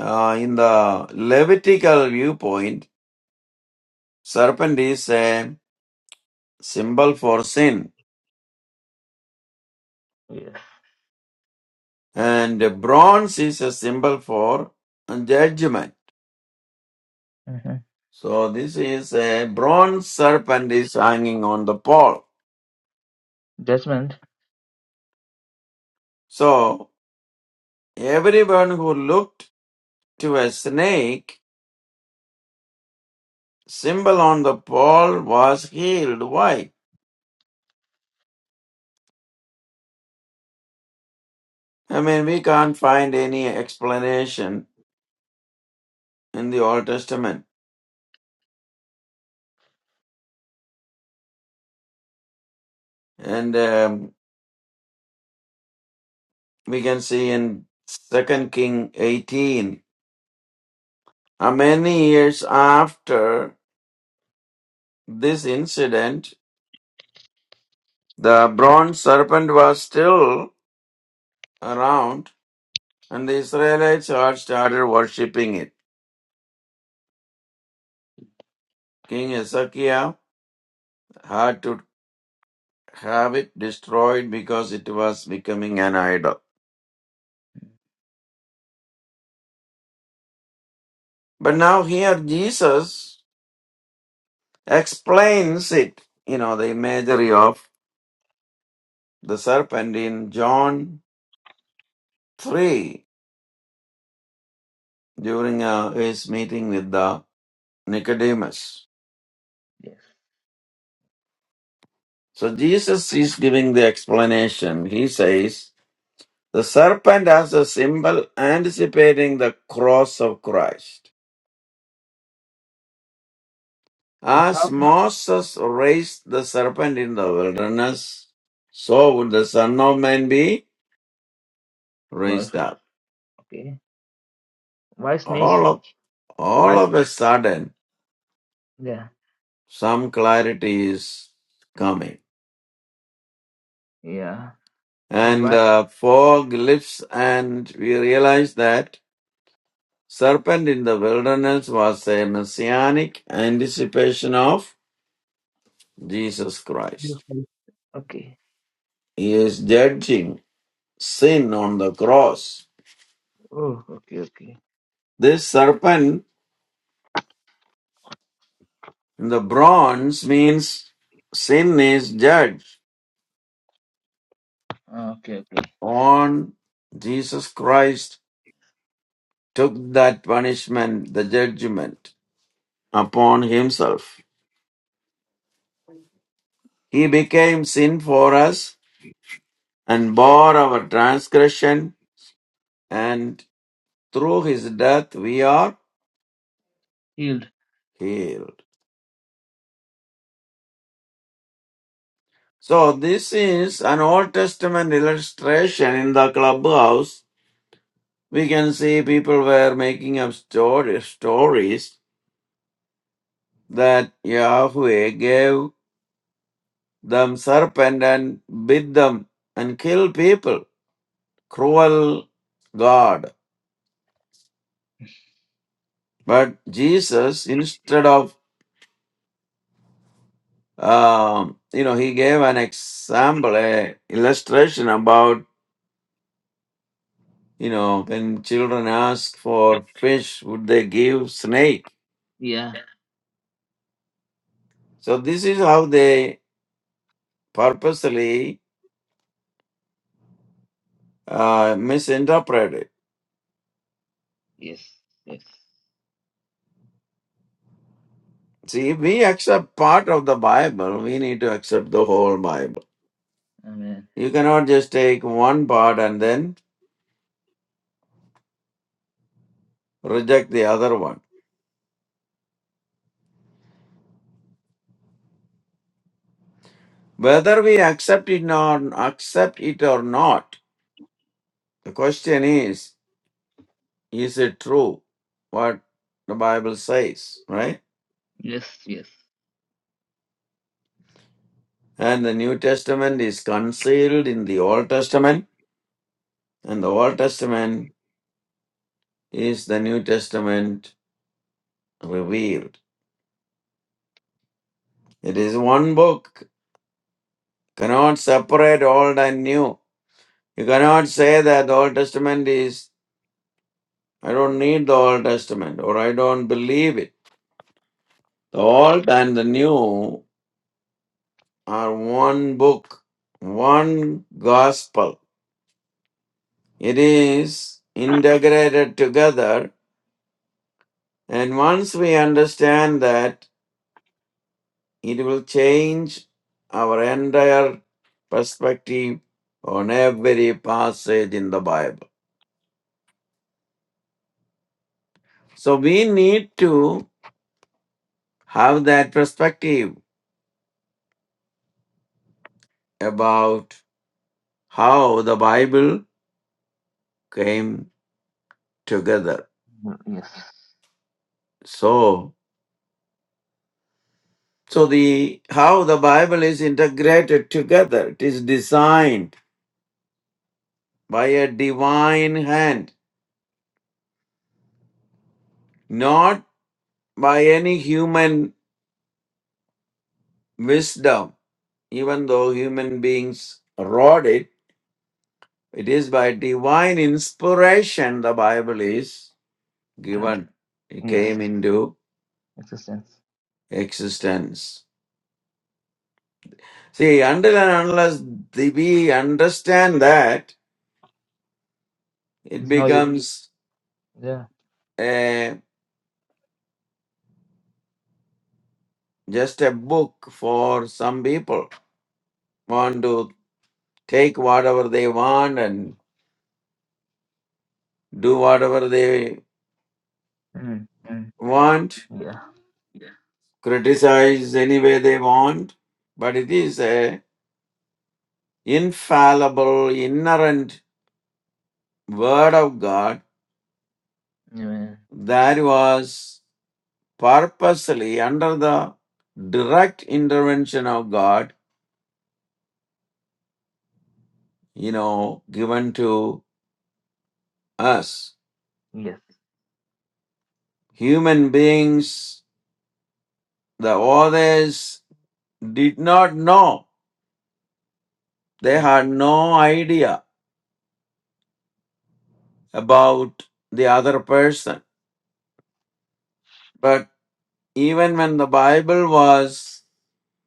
[SPEAKER 2] Uh, in the Levitical viewpoint, serpent is a symbol for sin,
[SPEAKER 1] Yes,
[SPEAKER 2] and bronze is a symbol for judgment.
[SPEAKER 1] hmm
[SPEAKER 2] So this is a bronze serpent is hanging on the pole.
[SPEAKER 1] judgment.
[SPEAKER 2] So everyone who looked to a snake symbol on the pole was healed. Why? I mean, we can't find any explanation in the Old Testament, and um, we can see in Second King eighteen. uh, Many years after this incident, the bronze serpent was still around and the Israelites had started worshipping it. King Hezekiah had to have it destroyed because it was becoming an idol. But now here Jesus explains it, you know, the imagery of the serpent in John 3 during uh, his meeting with the Nicodemus.
[SPEAKER 1] Yes,
[SPEAKER 2] So Jesus is giving the explanation. He says, The serpent as a symbol anticipating the cross of Christ.
[SPEAKER 1] it's
[SPEAKER 2] As
[SPEAKER 1] how.
[SPEAKER 2] Moses raised the serpent in the wilderness, so would the Son of Man be
[SPEAKER 1] Well,
[SPEAKER 2] raised
[SPEAKER 1] if I-
[SPEAKER 2] up.
[SPEAKER 1] okay, why snake?
[SPEAKER 2] All of, all
[SPEAKER 1] Why?
[SPEAKER 2] of a sudden,
[SPEAKER 1] Yeah,
[SPEAKER 2] some clarity is coming.
[SPEAKER 1] yeah, but
[SPEAKER 2] And
[SPEAKER 1] why?
[SPEAKER 2] uh, fog lifts, and we realize that serpent in the wilderness was a messianic anticipation of Jesus Christ.
[SPEAKER 1] Okay.
[SPEAKER 2] He is judging sin on the cross.
[SPEAKER 1] Oh, okay, okay.
[SPEAKER 2] This serpent in the bronze means sin is judged
[SPEAKER 1] Ah, Okay, okay.
[SPEAKER 2] on Jesus Christ took that punishment, the judgment upon himself. He became sin for us and bore our transgression and through his death we are
[SPEAKER 1] Healed.
[SPEAKER 2] healed. So this is an Old Testament illustration in the clubhouse we can see people were making up story, stories that Yahweh gave them serpent and bit them and kill people. Cruel God. But Jesus, instead of, um, you know, he gave an example, a illustration about, you know, when children ask for fish, would they give snake?
[SPEAKER 1] Yeah.
[SPEAKER 2] So this is how they purposely uh, misinterpreted.
[SPEAKER 1] Yes. Yes.
[SPEAKER 2] See, if we accept part of the Bible, we need to accept the whole Bible.
[SPEAKER 1] Amen.
[SPEAKER 2] You cannot just take one part and then reject the other one. Whether we accept it or accept it or not, the question is, is it true what the Bible says, right?
[SPEAKER 1] Yes. Yes.
[SPEAKER 2] And the New Testament is concealed in the Old Testament, and the Old Testament is the New Testament revealed. It is one book, cannot separate old and new You cannot say that the Old Testament is, I don't need the Old Testament or I don't believe it. The Old and the New are one book, one gospel. It is integrated together. And once we understand that, it will change our entire perspective on every passage in the Bible. So we need to have that perspective about how the Bible came together.
[SPEAKER 1] Mm, Yes.
[SPEAKER 2] So, so the how the Bible is integrated together. It is designed by a divine hand, not by any human wisdom. Even though human beings wrote it, it is by divine inspiration the Bible is
[SPEAKER 1] Done.
[SPEAKER 2] given. It
[SPEAKER 1] Yes.
[SPEAKER 2] came into
[SPEAKER 1] Existence.
[SPEAKER 2] existence. See, until and unless the- we understand that, It
[SPEAKER 1] It's no use.
[SPEAKER 2] becomes
[SPEAKER 1] Yeah.
[SPEAKER 2] a just a book for some people want to take whatever they want and do whatever they
[SPEAKER 1] Mm. Mm.
[SPEAKER 2] want,
[SPEAKER 1] Yeah.
[SPEAKER 2] criticize any way they want, but it is a infallible, inerrant word of God
[SPEAKER 1] Amen.
[SPEAKER 2] that was purposely under the direct intervention of God, you know, given to us.
[SPEAKER 1] Yes.
[SPEAKER 2] Human beings The others did not know. They
[SPEAKER 1] Mm.
[SPEAKER 2] had no idea about the other person. But even when the Bible was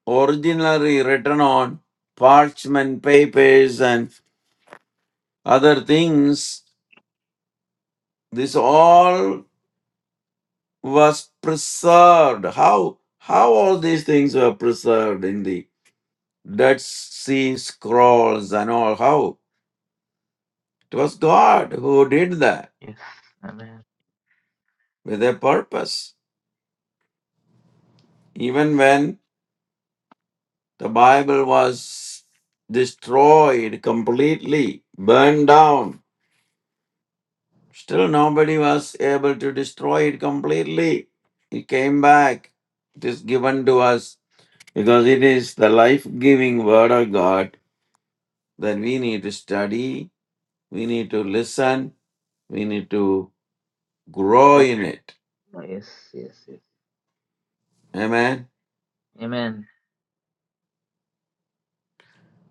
[SPEAKER 2] originally written on parchment papers and other things, this all was preserved. How? How all these things were preserved in the Dead Sea Scrolls and all? How? It was God who did that
[SPEAKER 1] Yes. Amen.
[SPEAKER 2] with a purpose. Even when the Bible was destroyed completely, burned down, still nobody was able to destroy it completely. It came back. It is given to us because it is the life giving Word of God that we need to study, we need to listen, we need to grow
[SPEAKER 1] Praise
[SPEAKER 2] in it.
[SPEAKER 1] God. Yes. Yes. Yes.
[SPEAKER 2] Amen.
[SPEAKER 1] Amen.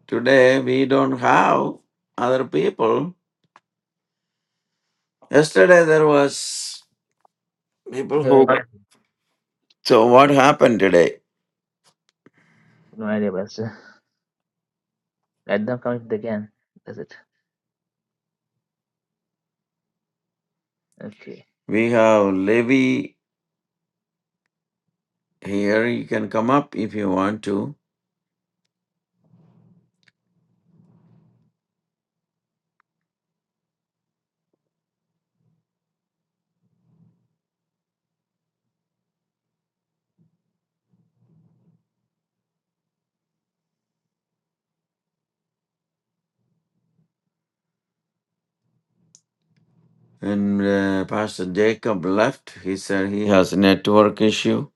[SPEAKER 2] Today we don't have other people. Yesterday there was people
[SPEAKER 1] Yeah, we are
[SPEAKER 2] who
[SPEAKER 1] not-
[SPEAKER 2] So what happened today?
[SPEAKER 1] no idea, Pastor. Let them come if they can. That's it. Okay.
[SPEAKER 2] We have Levi here. You can come up if you want to. And uh, Pastor Jacob left. He said he has a network issue.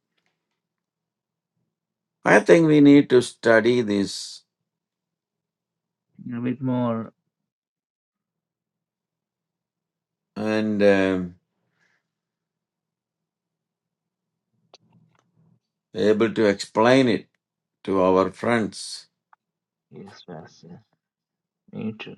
[SPEAKER 2] I think we need to study this
[SPEAKER 1] A bit more.
[SPEAKER 2] and um, able to explain it to our friends.
[SPEAKER 1] Yes, Pastor. Me too.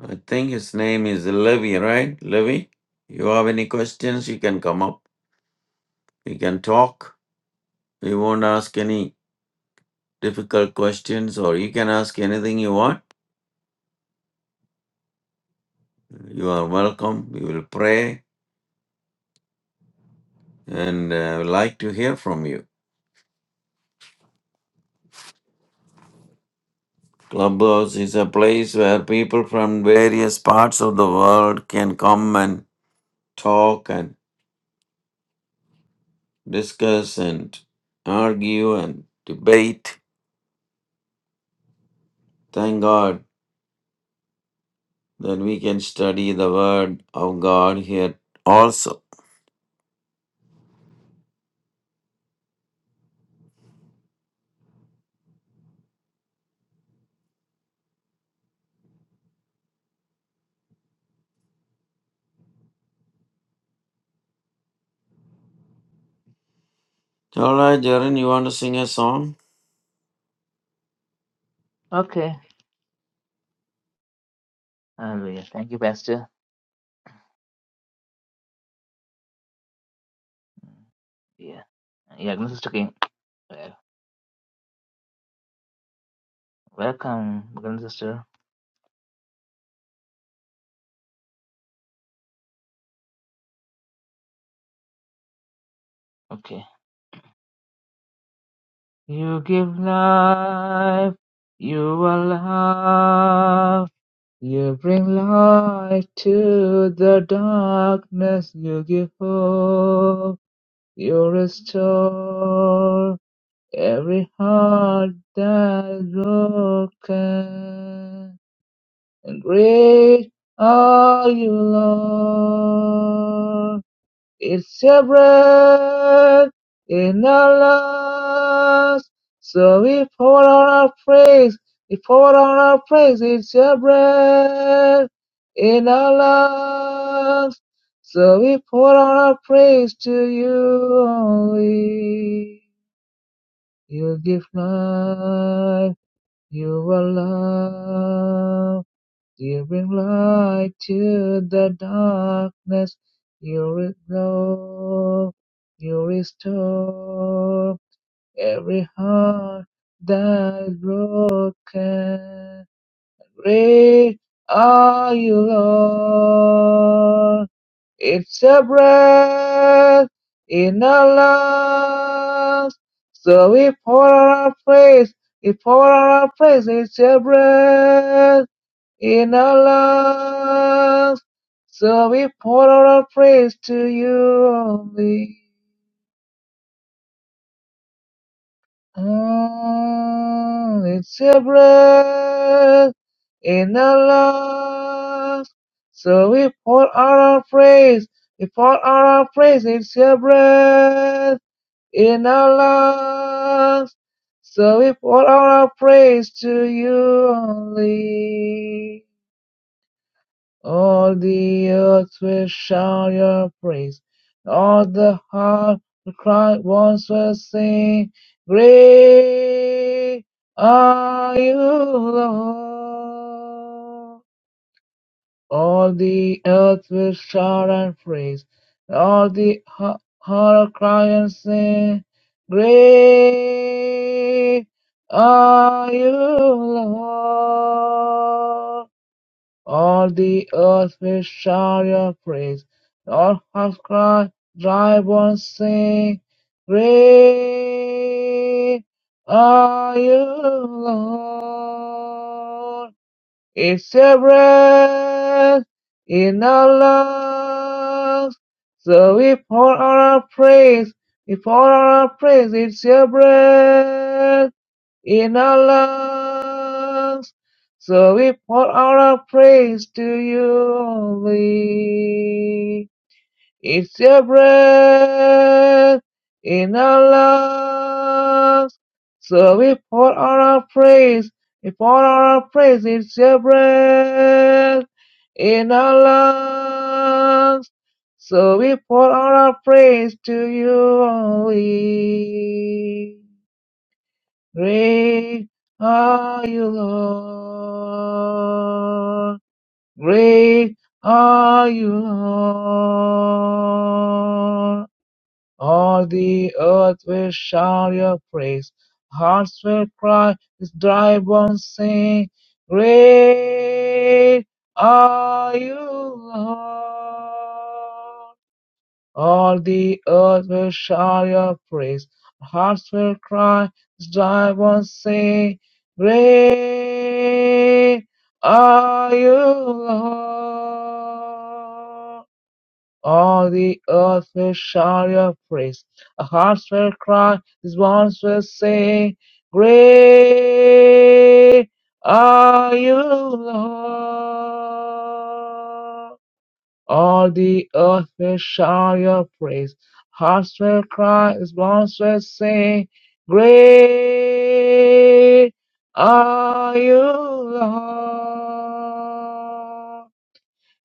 [SPEAKER 2] I think his name is Levi, right? Levi, you have any questions? You can come up. We can talk. We won't ask any difficult questions, or you can ask anything you want You are welcome. We will pray and uh, would like to hear from you. Clubhouse is a place where people from various parts of the world can come and talk and discuss and argue and debate. Thank God that we can study the Word of God here also. All right, Jaren, you want to sing a song?
[SPEAKER 1] Okay. Hallelujah. Thank you, Pastor. Mm. Yeah. Yeah, Agnes Sister King. Uh, Welcome, Agnes Sister. Okay. You give life, you are love, you bring light to the darkness, you give hope, you restore every heart that is broken. And great are you, Lord. It's your breath in our lungs. So we pour out our praise. We pour out our praise. It's your breath in our lungs. So we pour out our praise to you only. You give life. You are love. You bring light to the darkness. You restore, you restore every heart that is broken. Great are you, Lord. It's a breath in our lungs. So we pour out our praise. We pour out our praise. It's a breath in our lungs. So we pour out our praise to you only. Mm, it's your breath in our lungs. So we pour out our praise. We pour out our praise. It's your breath in our lungs. So we pour out our praise to you only. All the earth will shout your praise. All the heart will cry once will sing. Great are you, Lord. All the earth will shout and praise. All the heart will cry and sing. Great are you, Lord. All the earth will shout your praise. All hearts cry, dry bones sing. Great are you, Lord. It's your breath in our lungs. So we pour out our praise. We pour out our praise. It's your breath in our lungs. So we pour out our praise to you only. It's your breath in our lungs. So we pour out our praise. We pour out our praise. It's your breath in our lungs. So we pour out our praise to you only. Great are you, Lord. Great are you, Lord. All the earth will shout your praise. Hearts will cry with dry bones sing. Great are you, Lord. All the earth will shout your praise. Our hearts will cry. This will ones say, Great are you, Lord. All the earth will shout your praise. Our hearts will cry. These ones will say, Great are you, Lord. All the earth will shout your praise. Hearts will cry, mouths will sing. Great are you, Lord.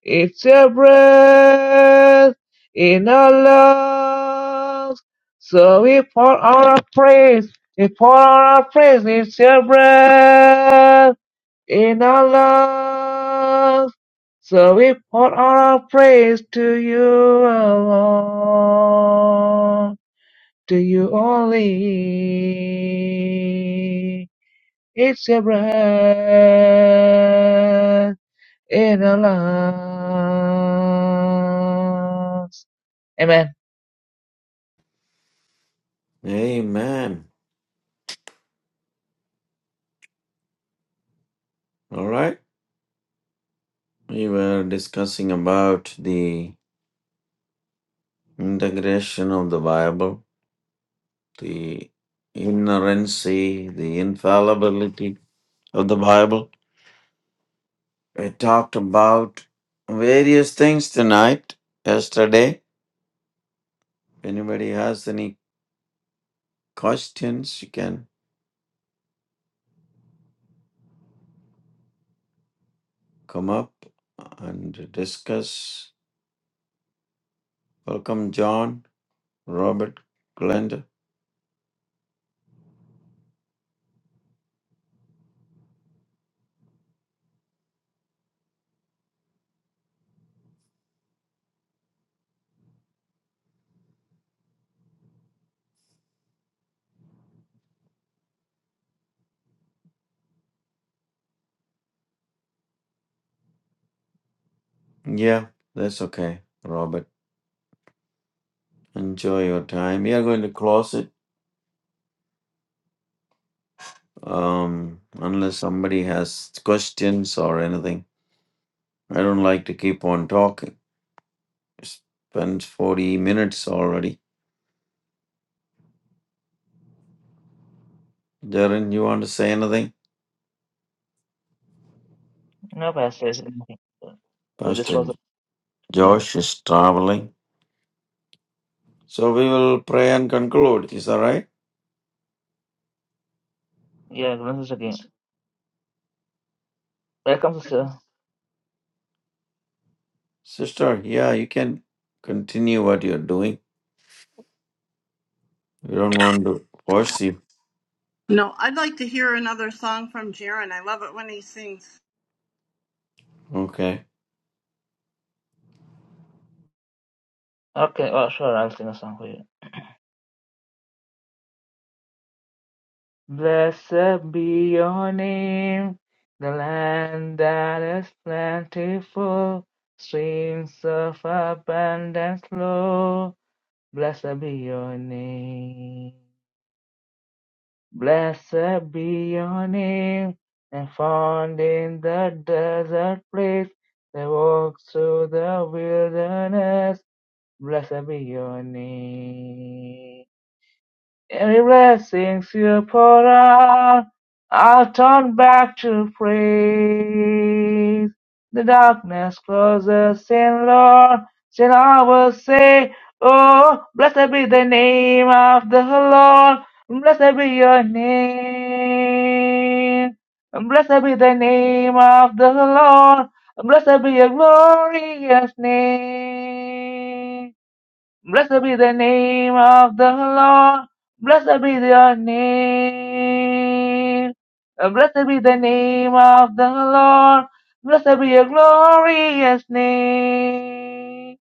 [SPEAKER 1] It's your breath in our lungs. So we pour out our praise. We pour out our praise. It's your breath in our love. So we pour our praise to you alone, to you only. It's your breath in our lungs. Amen.
[SPEAKER 2] Amen. All right. We were discussing about the integration of the Bible the inerrancy, the infallibility of the Bible. We talked about various things tonight, yesterday. If anybody has any questions, you can come up and discuss. Welcome, John, Robert, Glenda. Yeah, that's okay, Robert. Enjoy your time. We are going to close it um, unless somebody has questions or anything. I don't like to keep on talking. Spent 40 minutes already. Darren, you want to say anything?
[SPEAKER 1] No, Pastor, it's nothing. So this
[SPEAKER 2] Pastor
[SPEAKER 1] was, yeah,
[SPEAKER 2] Josh is traveling. So we will pray and conclude. Is that right?
[SPEAKER 1] yeah, this is again. Welcome, sister.
[SPEAKER 2] Sister, yeah, you can continue what you're doing. We don't want to force you.
[SPEAKER 5] No, I'd like to hear another song from Jaron. I love it when he sings.
[SPEAKER 2] Okay.
[SPEAKER 1] Okay, well, sure, I'll sing a song for you. Blessed be your name, the land that is plentiful, streams of abundance flow. Blessed be your name. Blessed be your name, and found in the desert place, they walk through the wilderness. Blessed be your name. Every blessing you pour out, I'll turn back to praise. The darkness closes in, Lord, Then I will say, Oh, blessed be the name of the Lord, blessed be your name. Blessed be the name of the Lord, blessed be your glorious name. Blessed be the name of the Lord. Blessed be your name. Uh, Blessed be the name of the Lord. Blessed be your glorious name.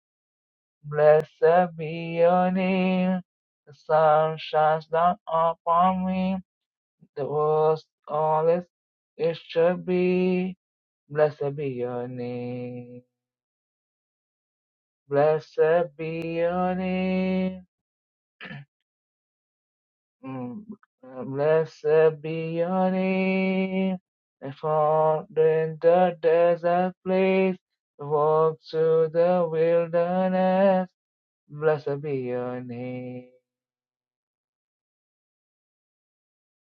[SPEAKER 1] Blessed be your name. The sun shines down upon me. The worst all is it should be. Blessed be your name. Blessed be your name. Mm, uh, Blessed be your name, and found in the desert place, walk through the wilderness. Blessed be your name.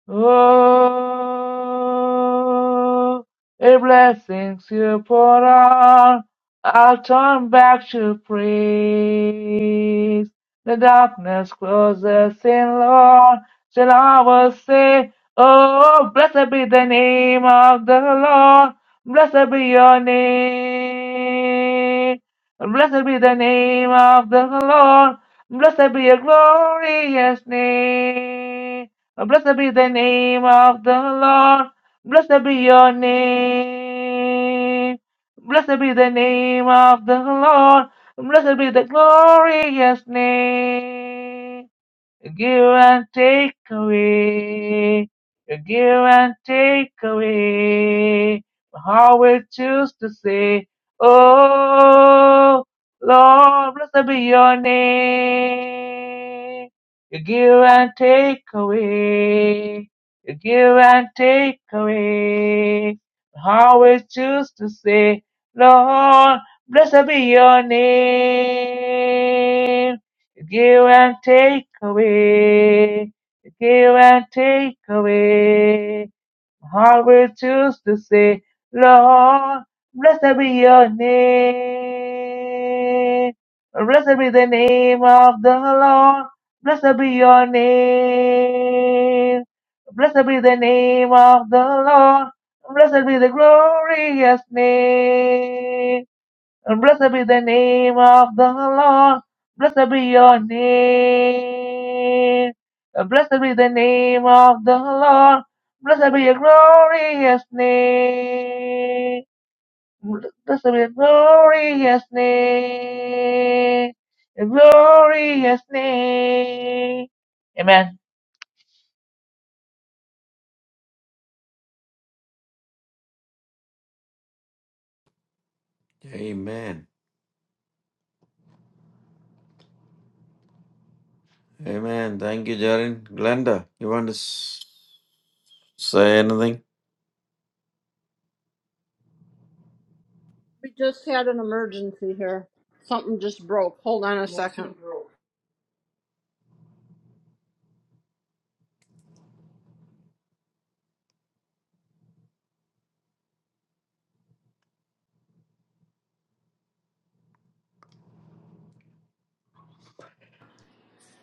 [SPEAKER 1] Oh, if blessings you pour out, I'll turn back to praise. The darkness closes in, Lord, till I will say, Oh, blessed be the name of the Lord, blessed be your name. Blessed be the name of the Lord, blessed be your glorious name. Blessed be the name of the Lord. Blessed be your name. Blessed be the name of the Lord. Blessed be the glorious name. You give and take away. You give and take away. My heart will choose to say, Oh, Lord, blessed be your name. You give and take away. You give and take away. My heart will choose to say, Lord, blessed be your name. You give and take away. You give and take away. My heart will choose to say, Lord, blessed be your name. Blessed be the name of the Lord. Blessed be your name. Blessed be the name of the Lord. Blessed be the glorious name. And blessed be the name of the Lord. Blessed be your name. And blessed be the name of the Lord. Blessed be your glorious name. Blessed be your glorious name. Your glorious name. Amen.
[SPEAKER 2] Amen. Amen. Thank you, Jaren. Glenda, you want to s- say anything?
[SPEAKER 5] We just had an emergency here. Something just broke. Hold on a What second. thing broke?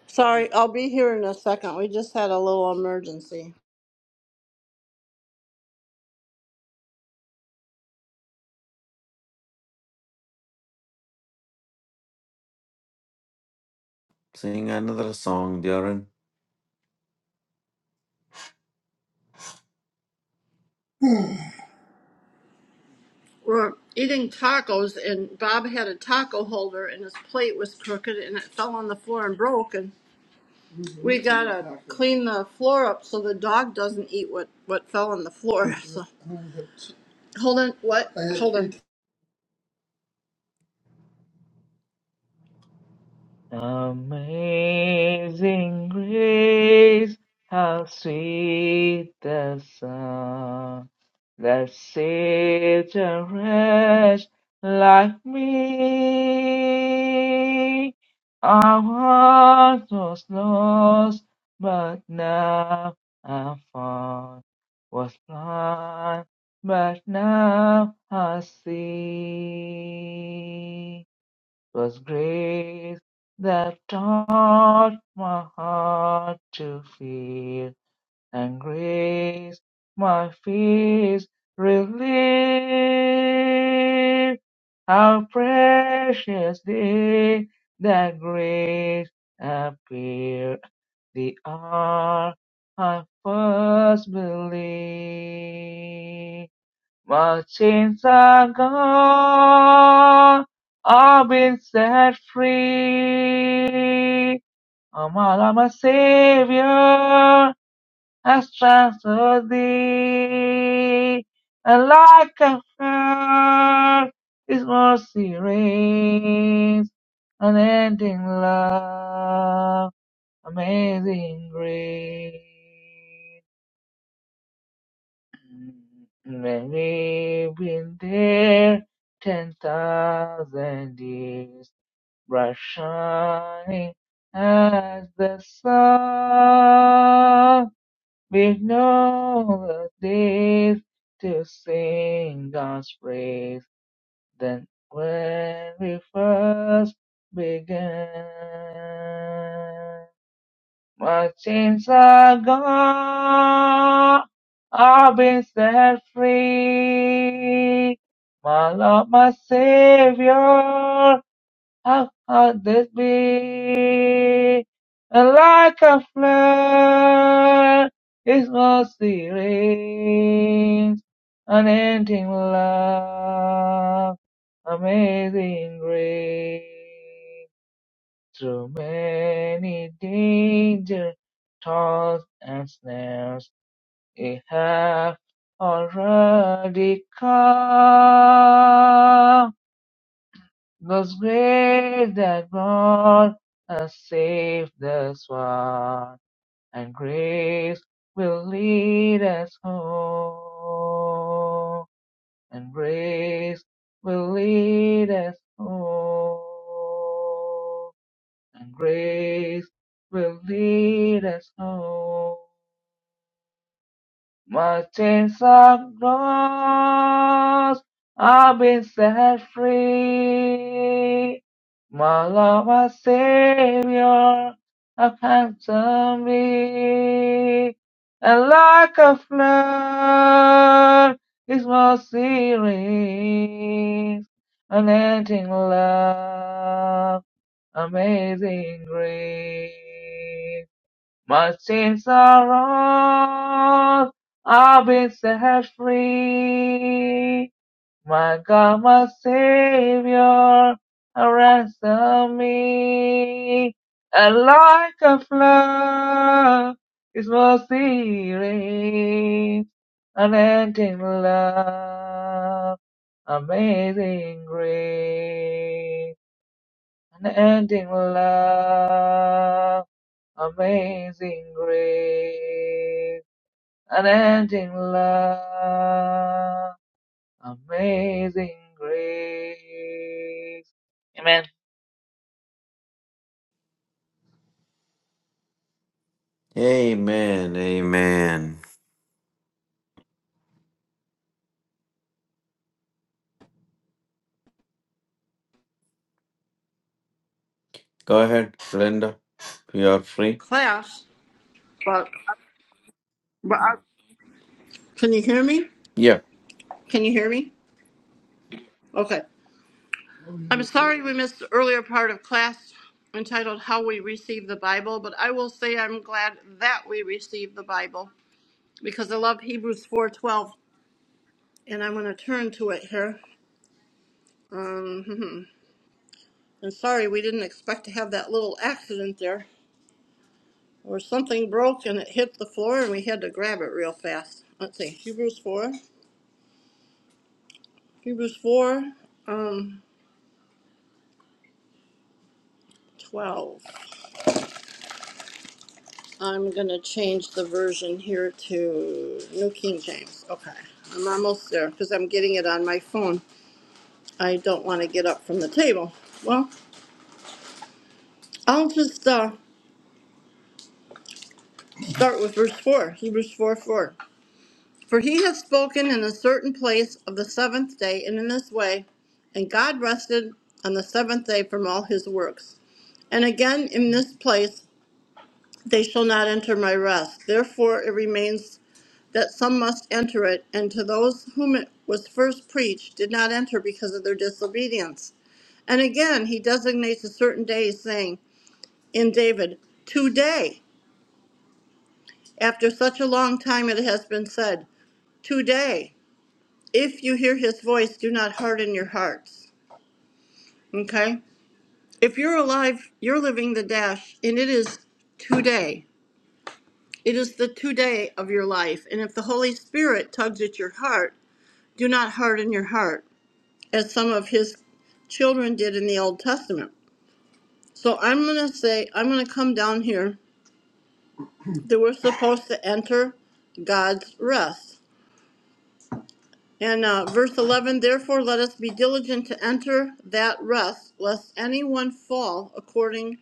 [SPEAKER 5] Sorry, I'll be here in a second. We just had a little emergency.
[SPEAKER 2] Sing another song, Jaren.
[SPEAKER 5] We're eating tacos, and Bob had a taco holder, and his plate was crooked, and it fell on the floor and broke. And we gotta clean the floor up so the dog doesn't eat what what fell on the floor. So hold on, what? Hold on,
[SPEAKER 1] Amazing grace, how sweet the sound that saved a wretch like me. I once was lost, but now I'm found. Was blind, but now I see. 'Twas grace that taught my heart to feel and grace my fears relieve. How precious day that grace appeared, the hour I first believed. My chains are gone, I've been set free. I'm my Savior. I trust to thee, and like a flood, His mercy reigns, unending love, amazing grace. Maybe been there ten thousand years, bright shining as the sun with no days to sing God's praise than when we first began. My chains are gone, I've been set free. My Lord, my Savior, how could this be? Like a flood, His mercy reigns, unending love, amazing grace. Through many dangers, toils and snares, we have already come. God's grace that brought us safe thus far, and grace will lead us home, and grace will lead us home, and grace will lead us home. My chains are lost. I've been set free. My Lord, my Savior, have ransomed me. And like a flood, His mercy rings. Unending love, amazing grace. My sins are all, I've been set free. My God, my Savior, ransom me. And like a flood, His mercy rains, unending love, amazing grace, unending love. Amazing grace, unending love, amazing grace. Amen
[SPEAKER 2] Amen. Amen. Go ahead, Glenda. You are free.
[SPEAKER 5] class. But, but I- can you hear me?
[SPEAKER 2] Yeah.
[SPEAKER 5] Can you hear me? Okay. I'm sorry we missed the earlier part of class entitled How We Receive the Bible, but I will say I'm glad that we receive the Bible because I love Hebrews 4:12 and I'm going to turn to it here. Um and sorry we didn't expect to have that little accident there or something broke and it hit the floor and we had to grab it real fast. Let's see. Hebrews 4. Hebrews 4 um 12. I'm gonna change the version here to New King James. Okay, I'm almost there because I'm getting it on my phone. I don't want to get up from the table. Well, I'll just uh, start with verse 4, Hebrews 4 4. For he has spoken in a certain place of the seventh day, and in this way, and God rested on the seventh day from all his works. And again, in this place, they shall not enter my rest. Therefore, it remains that some must enter it, and to those whom it was first preached did not enter because of their disobedience. And again, he designates a certain day, saying, In David, today, after such a long time it has been said, today, if you hear his voice, do not harden your hearts. Okay? If you're alive, you're living the dash, and it is today. It is the today of your life. And if the Holy Spirit tugs at your heart, do not harden your heart. as some of his children did in the Old Testament. So I'm going to say, I'm going to come down here that we're supposed to enter God's rest. And uh, verse 11, therefore let us be diligent to enter that rest, lest anyone fall according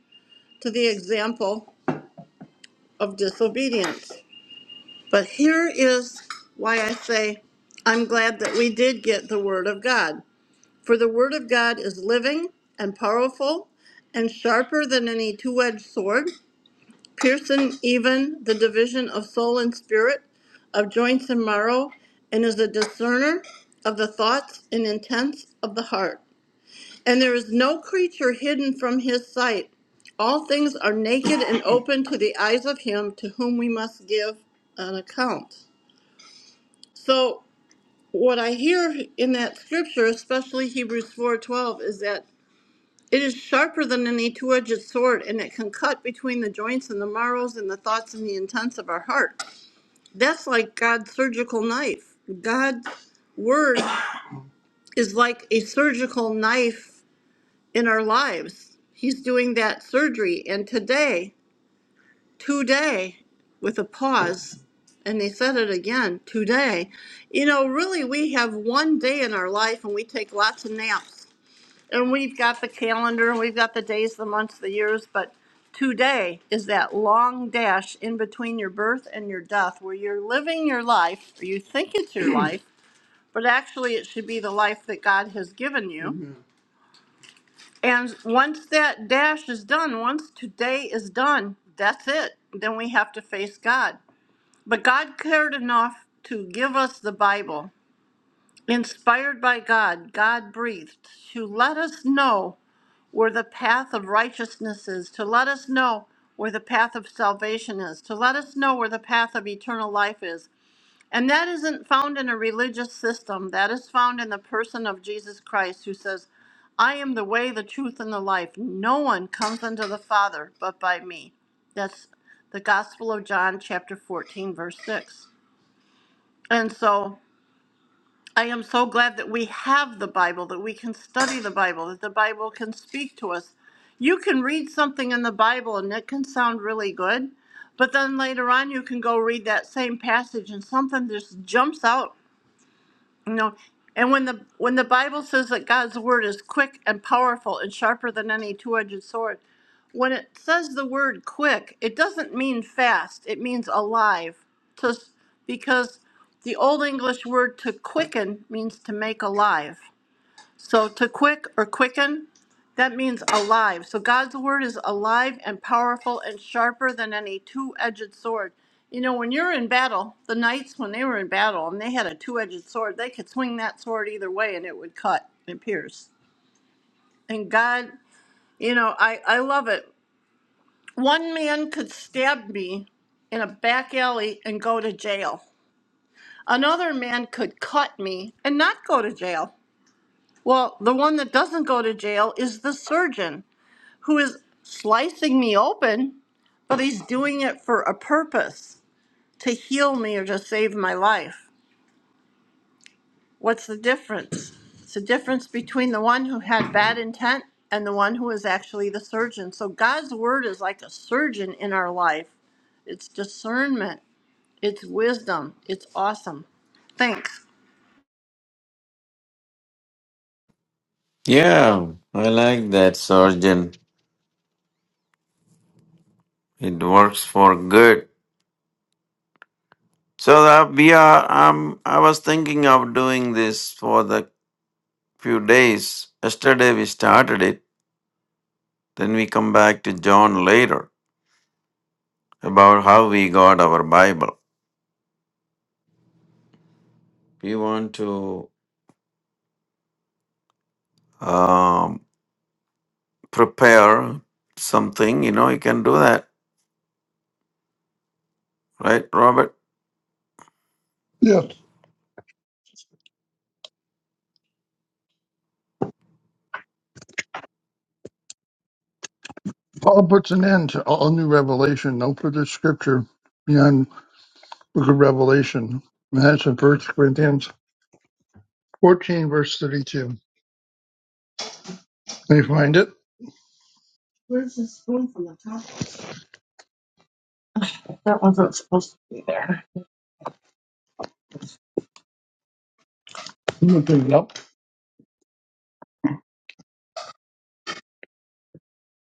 [SPEAKER 5] to the example of disobedience. But here is why I say, I'm glad that we did get the word of God. For the word of God is living and powerful and sharper than any two edged sword, piercing even the division of soul and spirit, of joints and marrow, and is a discerner of the thoughts and intents of the heart. And there is no creature hidden from his sight. All things are naked and open to the eyes of him to whom we must give an account. So what I hear in that scripture, especially Hebrews 4:12, is that It is sharper than any two edged sword, and it can cut between the joints and the marrows and the thoughts and the intents of our heart. That's like God's surgical knife. God's word is like a surgical knife in our lives. He's doing that surgery. And today, today, with a pause, and they said it again today, you know, really, we have one day in our life and we take lots of naps and we've got the calendar, we've got the days, the months, the years, but today is that long dash in between your birth and your death where you're living your life, or you think it's your life, but actually it should be the life that God has given you. Mhm. And once that dash is done, once today is done, that's it. Then we have to face God. But God cared enough to give us the Bible, inspired by God, God breathed, to let us know where the path of righteousness is, to let us know where the path of salvation is, to let us know where the path of eternal life is. And that isn't found in a religious system, that is found in the person of Jesus Christ, who says, I am the way, the truth, and the life. No one comes unto the Father but by me. That's the Gospel of John, chapter 14, verse 6. And so. I am so glad that we have the Bible, that we can study the Bible, that the Bible can speak to us. You can read something in the Bible and it can sound really good, but then later on you can go read that same passage and something just jumps out no. And when the when the Bible says that God's word is quick and powerful and sharper than any two-edged sword, when it says the word quick, it doesn't mean fast. It means alive. To, because the old English word to quicken means to make alive. So to quick or quicken, that means alive. So God's word is alive and powerful and sharper than any two edged sword. You know, when you're in battle, the knights, when they were in battle and they had a two edged sword, they could swing that sword either way and it would cut and pierce. And God, you know, I, I love it. One man could stab me in a back alley and go to jail. Another man could cut me and not go to jail. Well, the one that doesn't go to jail is the surgeon. who is slicing me open, but he's doing it for a purpose to heal me or to save my life. What's the difference? It's the difference between the one who had bad intent and the one who is actually the surgeon. So God's word is like a surgeon in our life. It's discernment, it's wisdom, it's awesome. Thanks.
[SPEAKER 2] Yeah, I like that Sergeant. It works for good. So uh, we are. Um, I was thinking of doing this for the few days. Yesterday we started it. Then we come back to John later about how we got our Bible. We want to um, prepare something. You know, you can do that, right, Robert?
[SPEAKER 6] Yes, Paul puts an end to all new revelation. No further scripture beyond book of Revelation. And that's in First Corinthians 14, verse 32. Can you find it? Where's this going from the top? That wasn't supposed to be there. I'm going to pick it up.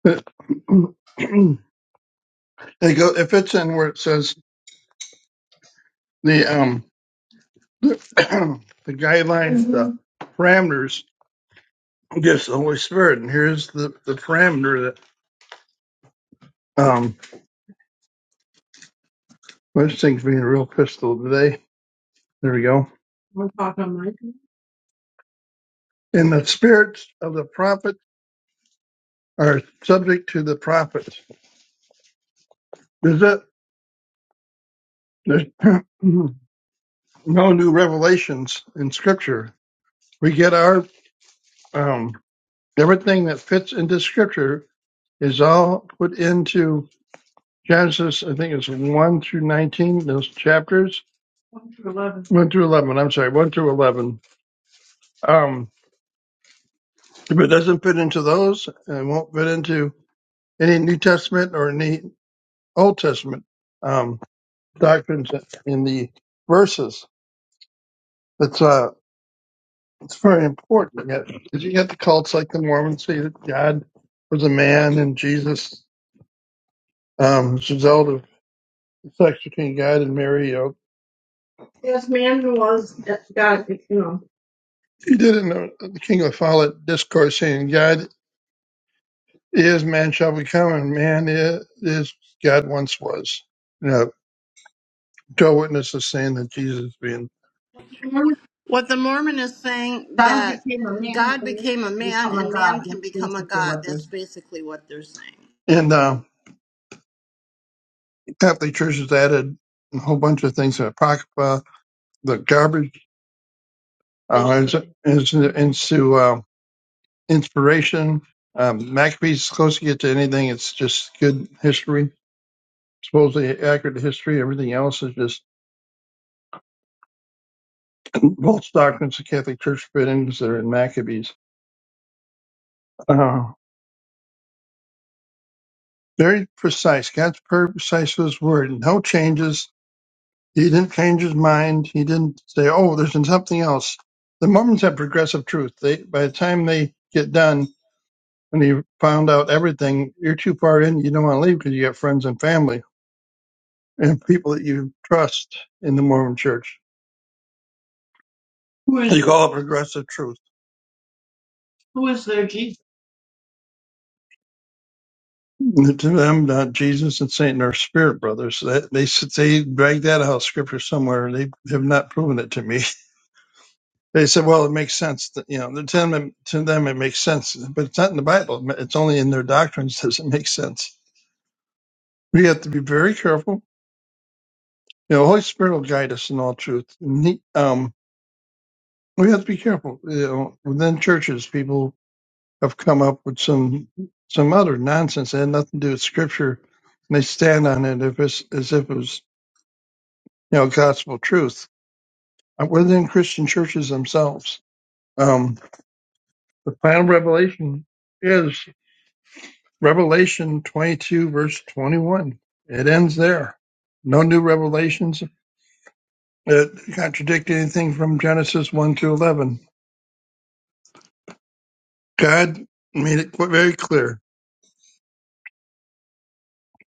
[SPEAKER 6] It, it, go, it fits in where it says the, um, the, guidelines, the parameters gives the Holy Spirit. And here's the, the parameter that um, this thing's being real pistol today. There we go. We'll talk on my turn. And the spirits of the prophets are subject to the prophets. There's, a, there's no new revelations in Scripture. We get our um, everything that fits into Scripture is all put into Genesis. I think it's one through nineteen. Those chapters, One through eleven. one through eleven. I'm sorry, one through eleven. Um, if it doesn't fit into those, it won't fit into any New Testament or any Old Testament um, doctrines in the verses. It's uh, it's very important. Because you got 'cause you got the cults like the Mormons say that God was a man and Jesus um, is a result of sex between God and Mary. You know, Yes, man was God, you know. he did it in the, the King of the Follett discourse saying, "God is man shall become, and man is, is God once was." You know, Joe witnesses saying that Jesus being.
[SPEAKER 5] What the Mormon is saying
[SPEAKER 6] God
[SPEAKER 5] that
[SPEAKER 6] became a man and
[SPEAKER 5] God
[SPEAKER 6] made
[SPEAKER 5] became a
[SPEAKER 6] to
[SPEAKER 5] man
[SPEAKER 6] become a
[SPEAKER 5] and
[SPEAKER 6] God.
[SPEAKER 5] man
[SPEAKER 6] That's
[SPEAKER 5] can become a
[SPEAKER 6] basically
[SPEAKER 5] God.
[SPEAKER 6] what
[SPEAKER 5] That's
[SPEAKER 6] there's.
[SPEAKER 5] basically what they're saying.
[SPEAKER 6] And uh, Catholic Church has added a whole bunch of things to Apocrypha, the garbage, uh, is, is into uh, inspiration. Um, McAfee's close to get to anything. It's just good history, supposedly accurate history. Everything else is just false doctrines the Catholic Church fit in because they're in Maccabees. Uh, very precise. God's very precise with his word. No changes He didn't change his mind. He didn't say, "Oh, there's something else." The Mormons have progressive truth. They, by the time they get done, when you found out everything, you're too far in. You don't want to leave because you have friends and family and people that you trust in the Mormon Church. Who is They call it progressive truth. who is their Jesus? To them, not Jesus and Satan are spirit brothers. That they s- they drag that out of scripture somewhere. They have not proven it to me. They said, well, it makes sense that, you know, to them, to them it makes sense, but it's not in the Bible. It's only in their doctrines does it make sense. We have to be very careful. You know, the Holy Spirit will guide us in all truth. And he- um, we have to be careful. You know, within churches, people have come up with some some other nonsense that had nothing to do with Scripture, and they stand on it if it's, as if it was, you know, gospel truth. Uh, Within Christian churches themselves, um, the final revelation is. Revelation 22, verse 21. It ends there. No new revelations that contradict anything from Genesis 1 to 11. God made it qu- very clear.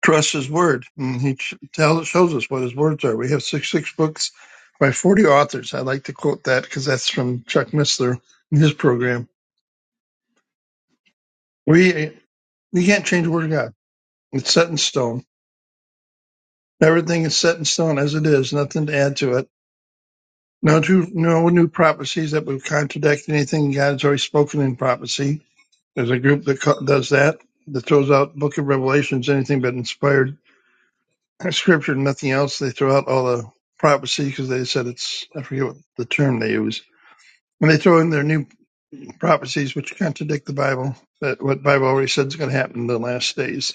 [SPEAKER 6] Trust His Word. And he ch- tells, shows us what His words are. We have six, six books by 40 authors. I like to quote that because that's from Chuck Missler in his program. We, we can't change the Word of God. It's set in stone. Everything is set in stone as it is, nothing to add to it No two, no new prophecies that would contradict anything God has already spoken in prophecy. There's a group that co- does that, that throws out Book of Revelations, anything but inspired scripture, nothing else. They throw out all the prophecy because they said it's, I forget what the term they use. And they throw in their new prophecies, which contradict the Bible, that what Bible already said is going to happen in the last days.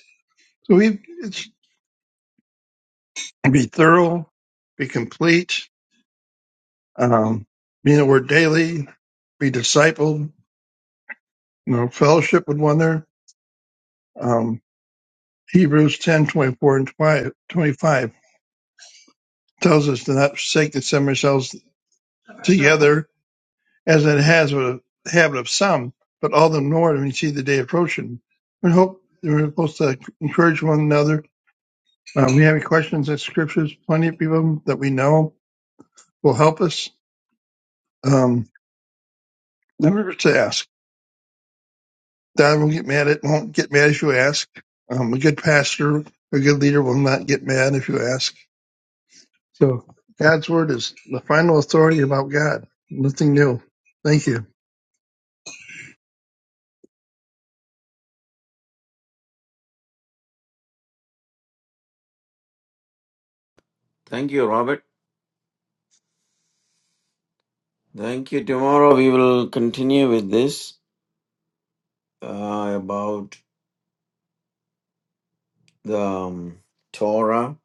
[SPEAKER 6] So we it's, be thorough, be complete, um, be in the Word daily, be discipled, you know, fellowship with one another. Um, Hebrews 10 24 and 25 tells us to not forsake to assemble ourselves together as it has a habit of some, but all the more when you see the day approaching. We hope that we're supposed to encourage one another. Um, we have any questions and scriptures, plenty of people that we know will help us. Um, never to ask. God will not get mad at, won't get mad if you ask. Um, a good pastor, a good leader will not get mad if you ask So God's word is the final authority about God. Nothing new. Thank you.
[SPEAKER 2] Thank you, Robert. Thank you. Tomorrow we will continue with this uh, about the um, Torah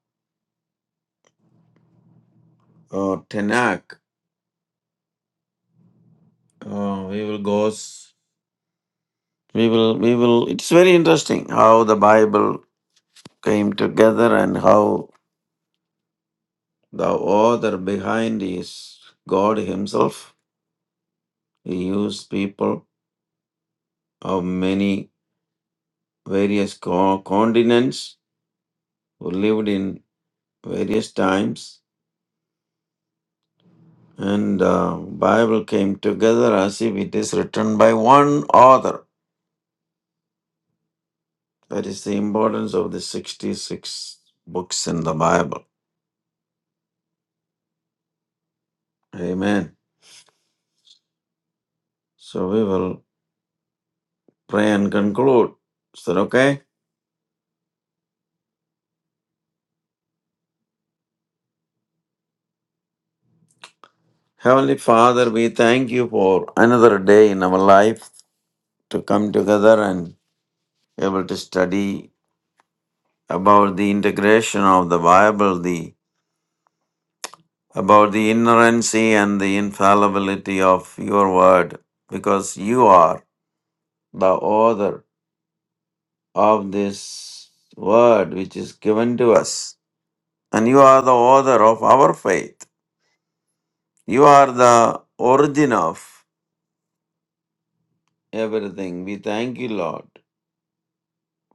[SPEAKER 2] or Tanakh. Uh, we will go. s- We will. We will. It's very interesting how the Bible came together and how the author behind is God Himself. He used people of many various co- continents who lived in various times, and uh, Bible came together as if it is written by one author That is the importance of the 66 books in the Bible. Amen. So we will pray and conclude. Is that okay? Heavenly Father, we thank you for another day in our life to come together and able to study about the integration of the Bible, the about the inerrancy and the infallibility of your word, because you are the author of this word which is given to us and you are the author of our faith. You are the origin of everything. We thank you, Lord,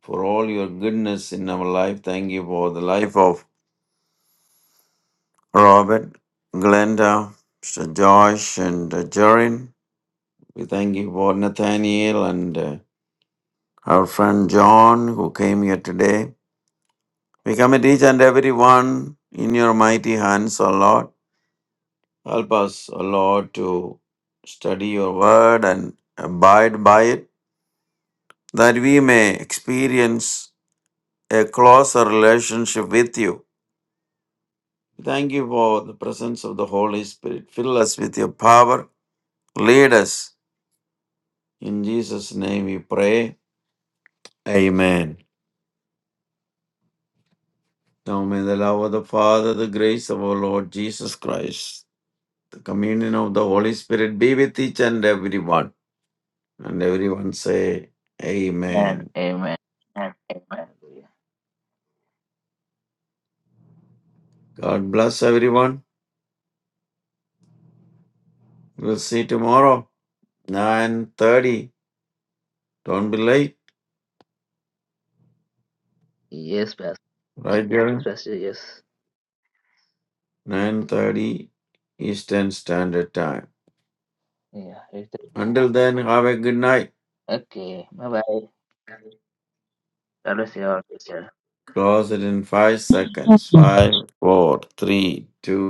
[SPEAKER 2] for all your goodness in our life. Thank you for the life of Robert, Glenda, Mr. Josh, and uh, Jorin. We thank you for Nathaniel and uh, our friend John who came here today. We commit each and every one in your mighty hands, O Lord. Help us, O Lord, to study your word and abide by it that we may experience a closer relationship with you. Thank you for the presence of the Holy Spirit. Fill us with your power. Lead us. In Jesus' name we pray. Amen. Now may the love of the Father, the grace of our Lord Jesus Christ, the communion of the Holy Spirit be with each and everyone. And everyone say,
[SPEAKER 1] and
[SPEAKER 2] Amen.
[SPEAKER 1] amen. Hallelujah.
[SPEAKER 2] God bless everyone. We'll see you tomorrow, 9.30. Don't be late.
[SPEAKER 1] Yes, Pastor.
[SPEAKER 2] Right, Darren?
[SPEAKER 1] Yes, Pastor. Yes.
[SPEAKER 2] 9.30 Eastern Standard Time.
[SPEAKER 1] Yeah.
[SPEAKER 2] Until then, have a good night.
[SPEAKER 1] Okay. Bye bye. God bless you all. Take care.
[SPEAKER 2] Close it in 5 seconds. Five, four, three, two.